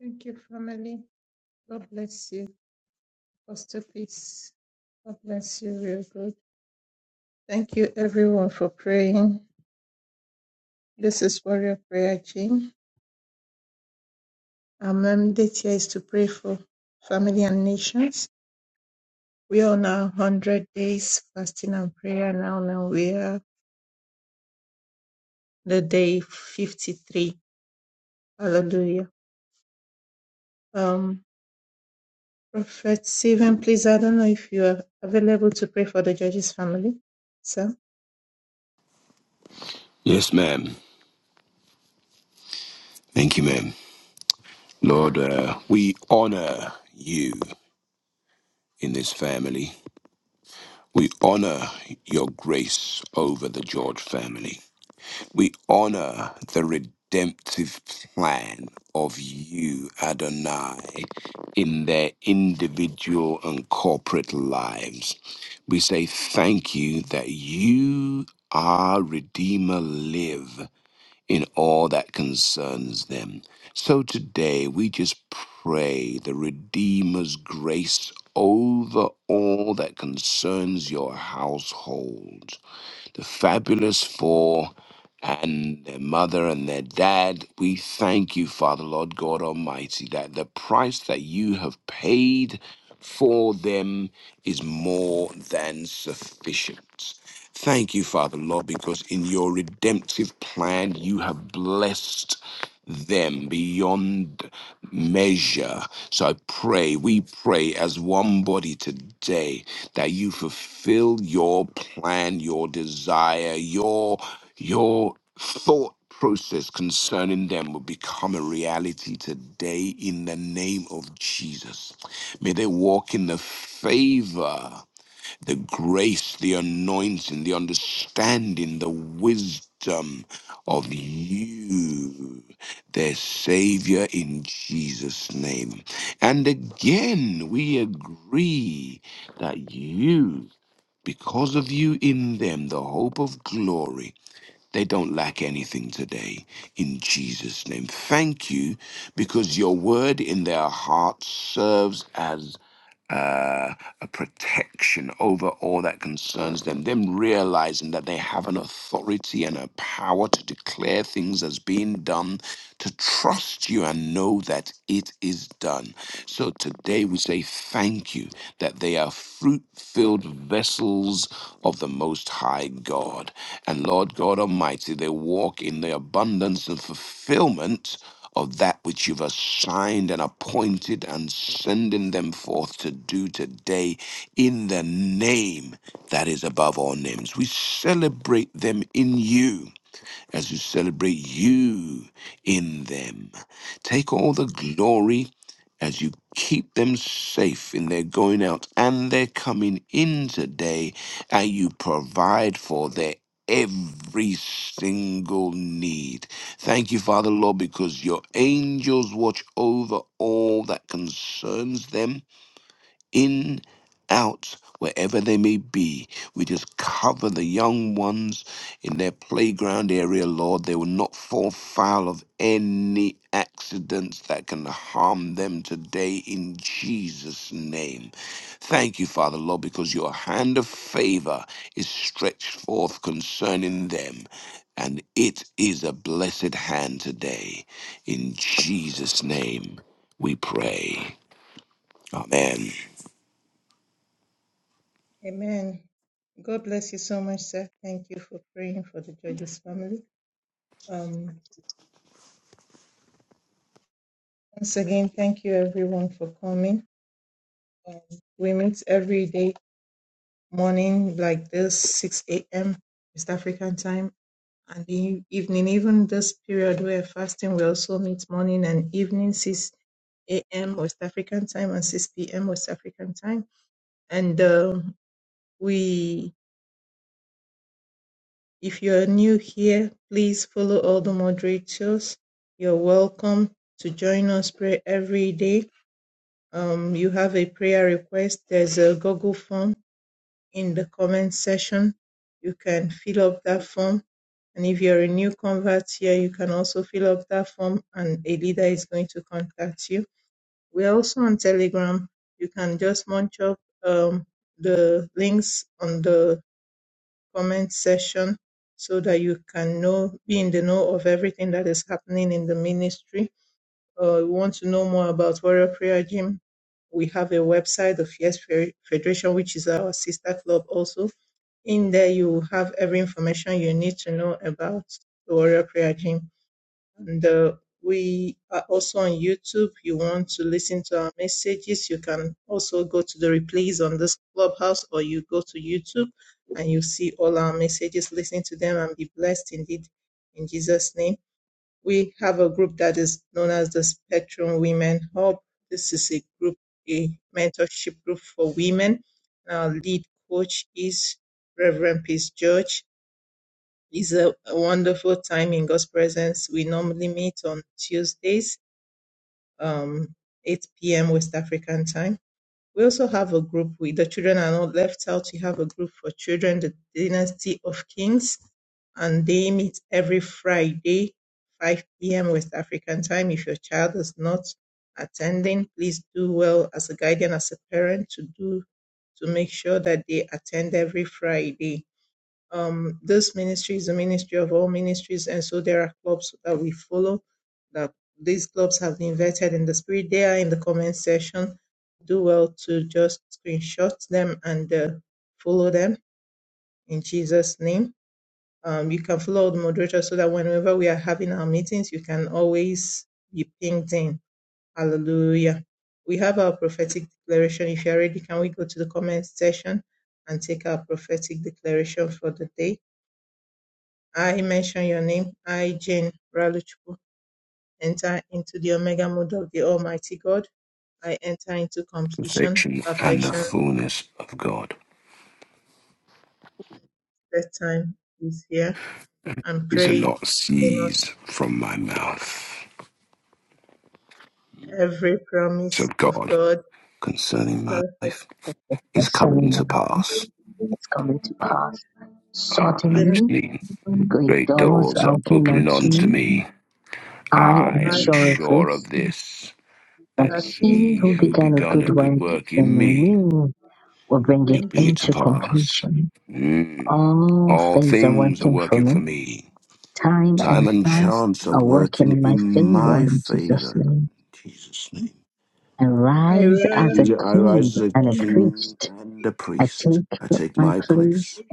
Speaker 2: Thank you, family. God bless you. Pastor Peace. God bless you, real good. Thank you, everyone, for praying. This is Warrior Prayer Team. Our mandate here is to pray for family and nations. We are on our 100 days fasting and prayer now. Now we are. the day 53. Hallelujah. Um, Prophet Stephen, please, I don't know if you are available to pray for the judge's family, sir.
Speaker 3: Yes, ma'am. Thank you, ma'am. Lord, uh, we honor you in this family. We honor your grace over the George family. We honor the redemptive plan of you, Adonai, in their individual and corporate lives. We say thank you that you, our Redeemer, live. in all that concerns them. So today we just pray the Redeemer's grace over all that concerns your household the fabulous four and their mother and their dad. We thank you, Father, Lord God Almighty, that the price that you have paid for them is more than sufficient. Thank you, Father, Lord, because in your redemptive plan, you have blessed them beyond measure. So I pray, we pray as one body today that you fulfill your plan, your desire, your your thought process concerning them will become a reality today in the name of Jesus. May they walk in the favor the grace, the anointing, the understanding, the wisdom of you, their Savior, in Jesus' name. And again, we agree that you, because of you in them, the hope of glory, they don't lack anything today in Jesus' name. Thank you because your word in their hearts serves as uh, a protection over all that concerns them, them realizing that they have an authority and a power to declare things as being done, to trust you and know that it is done. So today we say thank you that they are fruit filled vessels of the Most High God. And Lord God Almighty, they walk in the abundance and fulfillment of that which you've assigned and appointed and sending them forth to do today in the name that is above all names. We celebrate them in you as we celebrate you in them. Take all the glory as you keep them safe in their going out and their coming in today, and you provide for their every single need. Thank you, Father, Lord, because your angels watch over all that concerns them in, out, wherever they may be. We just cover the young ones in their playground area, Lord. They will not fall foul of any accidents that can harm them today in Jesus' name. Thank you, Father, Lord, because your hand of favor is stretched forth concerning them. And it is a blessed hand today. In Jesus' name we pray. Amen.
Speaker 2: Amen. God bless you so much, sir. Thank you for praying for the judge's family. Um, once again, thank you everyone for coming. Um, we meet every day morning like this, 6 a.m. East African time. and the eve- evening, even this period where fasting, we also meet morning and evening, 6 a.m. West African time and 6 p.m. West African time. And um, we, if you're new here, please follow all the moderators. You're welcome to join us pray every day. Um, you have a prayer request, there's a Google form in the comment section. You can fill up that form. And if you're a new convert here, you can also fill up that form and a leader is going to contact you. We're also on Telegram. You can just munch up um, the links on the comment section so that you can know, be in the know of everything that is happening in the ministry. Uh, you want to know more about Warrior Prayer Gym? we have a website of Yes Fe- Federation, which is our sister club also. In there, you have every information you need to know about the Warrior Prayer Gym. And uh, we are also on YouTube. You want to listen to our messages, you can also go to the replays on this clubhouse or you go to YouTube and you see all our messages, listen to them and be blessed indeed. In Jesus' name we have a group that is known as the Spectrum Women Hub. This is a group, a mentorship group for women. Our lead coach is Reverend Peace George. It's a, a wonderful time in God's presence. We normally meet on Tuesdays, um, 8 p.m. West African time we also have a group with the children are not left out. We have a group for children, the Dynasty of Kings, and they meet every Friday, 5 p.m. West African time. If your child is not attending, please do well as a guardian, as a parent, to do to make sure that they attend every Friday um, this ministry is a ministry of all ministries, and so there are clubs that we follow. That these clubs have been vetted in the spirit. They are in the comment section. Do well to just screenshot them and uh, follow them in Jesus' name. Um, you can follow the moderator so that whenever we are having our meetings, you can always be pinged in. Hallelujah. We have our prophetic declaration. If you are ready, can we go to the comment section and take our prophetic declaration for the day? I mention your name. I, Jane Raluchukwu, enter into the Omega mode of the Almighty God. I enter into completion,
Speaker 3: perfection and the
Speaker 2: perfection.
Speaker 3: fullness of God.
Speaker 2: That time is here. I'm
Speaker 3: These are
Speaker 2: praised.
Speaker 3: not
Speaker 2: Bonus
Speaker 3: seized from my mouth.
Speaker 2: every
Speaker 3: So
Speaker 2: promise of
Speaker 3: God
Speaker 2: God in
Speaker 3: concerning my
Speaker 2: perfect
Speaker 3: life is coming to pass. I'm, I'm seeing great doors are opening unto me. I
Speaker 2: I
Speaker 3: am sure of this, that
Speaker 2: that he
Speaker 3: he
Speaker 2: who
Speaker 3: who
Speaker 2: began
Speaker 3: begun a good
Speaker 2: in
Speaker 3: work in me will
Speaker 2: bring
Speaker 3: bring
Speaker 2: it.
Speaker 3: it to pass. Mm. All
Speaker 2: I ran for him. Make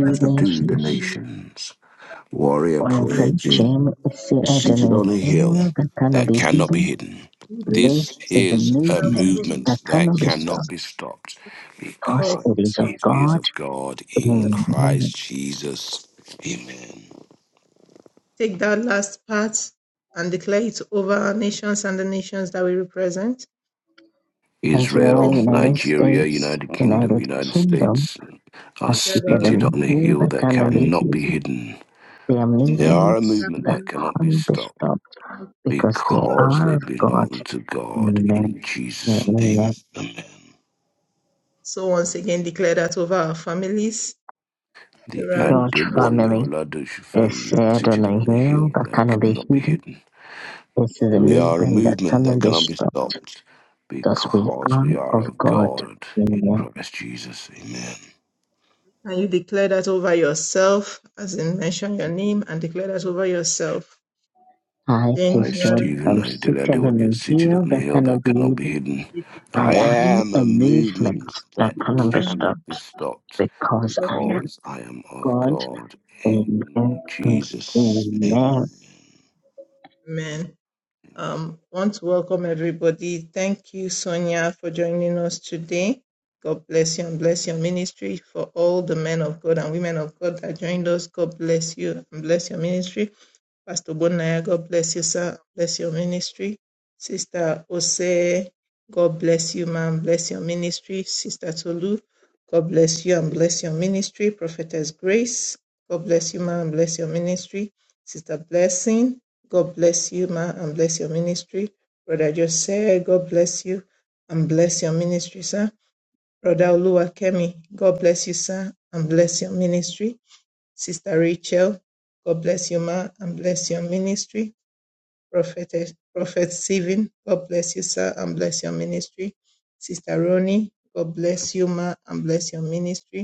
Speaker 2: myself good in me.
Speaker 3: that this
Speaker 2: Even the moving cause
Speaker 1: of
Speaker 3: it is
Speaker 1: God
Speaker 3: of God in
Speaker 1: in
Speaker 3: Christ Jesus. Amen.
Speaker 2: Take that last part and declare it over our nations and the nations that we represent
Speaker 1: Nigeria,
Speaker 3: Israel,
Speaker 2: and give
Speaker 1: United
Speaker 3: Nigeria,
Speaker 1: States,
Speaker 3: United Kingdom,
Speaker 1: United
Speaker 3: United
Speaker 1: Kingdom
Speaker 3: States are
Speaker 1: are
Speaker 2: that
Speaker 1: seated on
Speaker 2: honor
Speaker 3: seated
Speaker 1: a
Speaker 3: on a
Speaker 1: hill
Speaker 3: hill
Speaker 1: that
Speaker 3: that
Speaker 1: cannot be
Speaker 3: cannot be
Speaker 1: hid.
Speaker 3: hidden.
Speaker 1: They are
Speaker 3: They are a
Speaker 1: movements
Speaker 3: movement
Speaker 1: that
Speaker 3: that cannot be
Speaker 1: can't be
Speaker 3: stopped
Speaker 1: stopped. because they
Speaker 3: because
Speaker 1: are
Speaker 3: they
Speaker 1: of God.
Speaker 3: belong to God
Speaker 1: Amen.
Speaker 3: in Jesus' name.
Speaker 1: Amen.
Speaker 2: So once again, declare that over our families.
Speaker 3: The
Speaker 1: God's
Speaker 3: Adewale
Speaker 1: family
Speaker 3: Oladosu
Speaker 1: is
Speaker 3: family are
Speaker 1: said on
Speaker 3: seated
Speaker 1: a
Speaker 3: on a
Speaker 1: hill
Speaker 3: hill
Speaker 1: that
Speaker 3: that
Speaker 1: cannot be
Speaker 3: cannot be
Speaker 1: hidden.
Speaker 3: hidden.
Speaker 1: This is a
Speaker 3: We are a
Speaker 1: movement that
Speaker 3: movement
Speaker 1: cannot
Speaker 3: that
Speaker 1: be
Speaker 3: cannot be
Speaker 1: stopped
Speaker 3: stopped
Speaker 1: because we
Speaker 3: because
Speaker 1: are
Speaker 3: we are
Speaker 1: of
Speaker 3: of
Speaker 1: God.
Speaker 3: God in
Speaker 1: Amen.
Speaker 3: Christ Jesus. Amen.
Speaker 2: And you declare that over yourself, as in mention your name and declare that over yourself.
Speaker 1: I,
Speaker 3: I
Speaker 1: Peace
Speaker 3: see
Speaker 1: George, am
Speaker 3: the
Speaker 1: seated
Speaker 3: one
Speaker 1: on
Speaker 3: who is
Speaker 1: a
Speaker 3: seated
Speaker 1: hill
Speaker 3: on a
Speaker 1: that
Speaker 3: hill
Speaker 1: cannot
Speaker 3: that
Speaker 1: be
Speaker 3: cannot be
Speaker 1: hidden.
Speaker 3: hidden.
Speaker 1: I
Speaker 3: I
Speaker 1: am
Speaker 3: am
Speaker 1: a
Speaker 3: a
Speaker 1: movement
Speaker 3: movement
Speaker 1: that
Speaker 3: that
Speaker 1: cannot be
Speaker 3: cannot be
Speaker 1: stopped
Speaker 3: stopped
Speaker 1: because I am
Speaker 3: because I am of
Speaker 1: God.
Speaker 3: God
Speaker 1: Amen.
Speaker 3: in Jesus. In
Speaker 1: Amen.
Speaker 2: Amen. Um, want to welcome everybody. Thank you, Sonia, for joining us today. God bless you and bless your ministry for all the men of God and women of God that joined us. God bless you and bless your ministry. Pastor Bonaya, God bless you, sir. Bless your ministry. Sister Ose, God bless you, ma'am. Bless your ministry. Sister Tolu, God bless you and bless your ministry. Prophetess Grace, God bless you, ma'am. Bless your ministry. Sister Blessing, God bless you, ma'am, and bless your ministry. Brother Joseph. God bless you and bless your ministry, sir. Brother Oluwakemi, God bless you, sir, and bless your ministry. Sister Rachel, God bless you, ma, and bless your ministry. Prophet, Prophet Stephen, God bless you, sir, and bless your ministry. Sister Ronnie, God bless you, ma, and bless your ministry.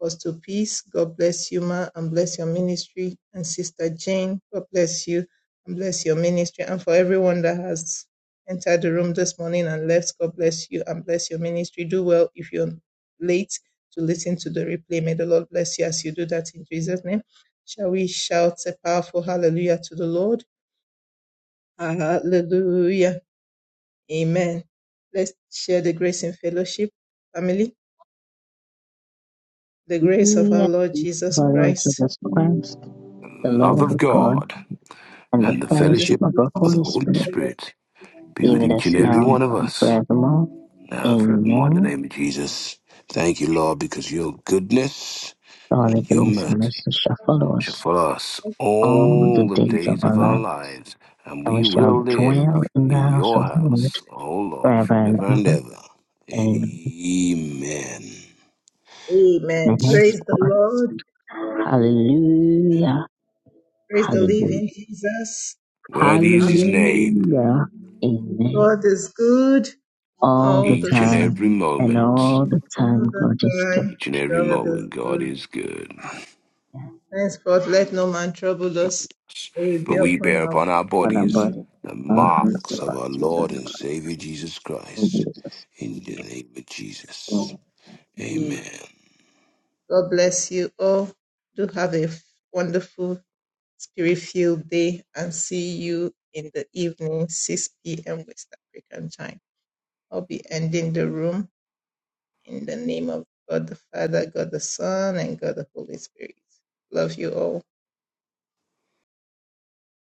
Speaker 2: Apostle Peace, God bless you, ma, and bless your ministry. And Sister Jane, God bless you and bless your ministry. And for everyone that has entered the room this morning and left, God bless you and bless your ministry. Do well if you're late to listen to the replay. May the Lord bless you as you do that in Jesus' name. Shall we shout a powerful hallelujah to the Lord? Hallelujah. Amen. Let's share the grace in fellowship, family. The grace of our
Speaker 1: Hallelujah.
Speaker 2: Lord Jesus
Speaker 1: The Lord
Speaker 2: Christ
Speaker 1: Jesus Christ, the
Speaker 3: love
Speaker 1: Lord
Speaker 3: of
Speaker 1: of God.
Speaker 3: God
Speaker 1: and the
Speaker 3: and the
Speaker 2: and
Speaker 1: fellowship
Speaker 3: fellowship
Speaker 1: of the
Speaker 3: of the
Speaker 1: Holy
Speaker 3: Holy
Speaker 1: Spirit
Speaker 2: the
Speaker 3: Spirit be
Speaker 1: be
Speaker 3: with
Speaker 1: with
Speaker 3: each
Speaker 1: us
Speaker 3: and every
Speaker 2: you.
Speaker 1: now
Speaker 3: one of
Speaker 1: and
Speaker 3: us
Speaker 1: forevermore.
Speaker 3: now forevermore in the
Speaker 1: Amen.
Speaker 3: name of Jesus. Thank you, Lord, because your goodness
Speaker 1: Surely
Speaker 3: and
Speaker 1: the
Speaker 3: your
Speaker 1: and
Speaker 3: mercy.
Speaker 1: mercy shall follow us
Speaker 3: for us
Speaker 1: all the
Speaker 3: all the
Speaker 1: days of
Speaker 3: days
Speaker 1: our
Speaker 3: of our
Speaker 1: life,
Speaker 3: lives, and
Speaker 1: and we
Speaker 3: we
Speaker 1: shall
Speaker 3: will live
Speaker 1: dwell in the
Speaker 3: in
Speaker 1: house
Speaker 3: your
Speaker 1: of the Lord
Speaker 3: house, O Lord,
Speaker 1: forever and
Speaker 3: forever and
Speaker 1: ever.
Speaker 3: ever.
Speaker 1: Amen.
Speaker 3: Amen.
Speaker 2: Amen. Praise the
Speaker 1: henceforth,
Speaker 2: Lord.
Speaker 1: hallelujah,
Speaker 2: Praise the
Speaker 1: hallelujah,
Speaker 2: living Jesus.
Speaker 3: Worthy is his
Speaker 2: Hallelujah.
Speaker 3: name,
Speaker 1: hallelujah,
Speaker 2: God
Speaker 1: amen.
Speaker 2: is good
Speaker 1: All
Speaker 2: all
Speaker 1: the
Speaker 2: the
Speaker 3: each and
Speaker 1: time,
Speaker 3: every
Speaker 2: time,
Speaker 1: and
Speaker 3: moment.
Speaker 1: all the time,
Speaker 2: all the
Speaker 1: God is good.
Speaker 2: time.
Speaker 3: Each and every
Speaker 2: God is
Speaker 3: moment, God
Speaker 2: good.
Speaker 3: is good.
Speaker 2: Henceforth, let no man trouble us. It will be
Speaker 3: For we
Speaker 2: upon
Speaker 3: bear
Speaker 2: our
Speaker 3: upon our
Speaker 2: books
Speaker 1: When I'm
Speaker 3: bodies
Speaker 1: burdened,
Speaker 3: the
Speaker 2: of
Speaker 1: the
Speaker 3: marks of
Speaker 1: Lord
Speaker 3: our
Speaker 1: Jesus
Speaker 3: Lord and
Speaker 1: Christ,
Speaker 3: Savior Jesus Christ.
Speaker 1: Jesus.
Speaker 3: In the name of
Speaker 1: Oh.
Speaker 3: Jesus.
Speaker 2: good.
Speaker 3: Amen.
Speaker 2: God bless you all. Do have a wonderful, spirit-filled day and see you in the evening, 6 p.m. West African time. I'll be ending the room. In the name of God the Father, God the Son, and God the Holy Spirit. Love you all.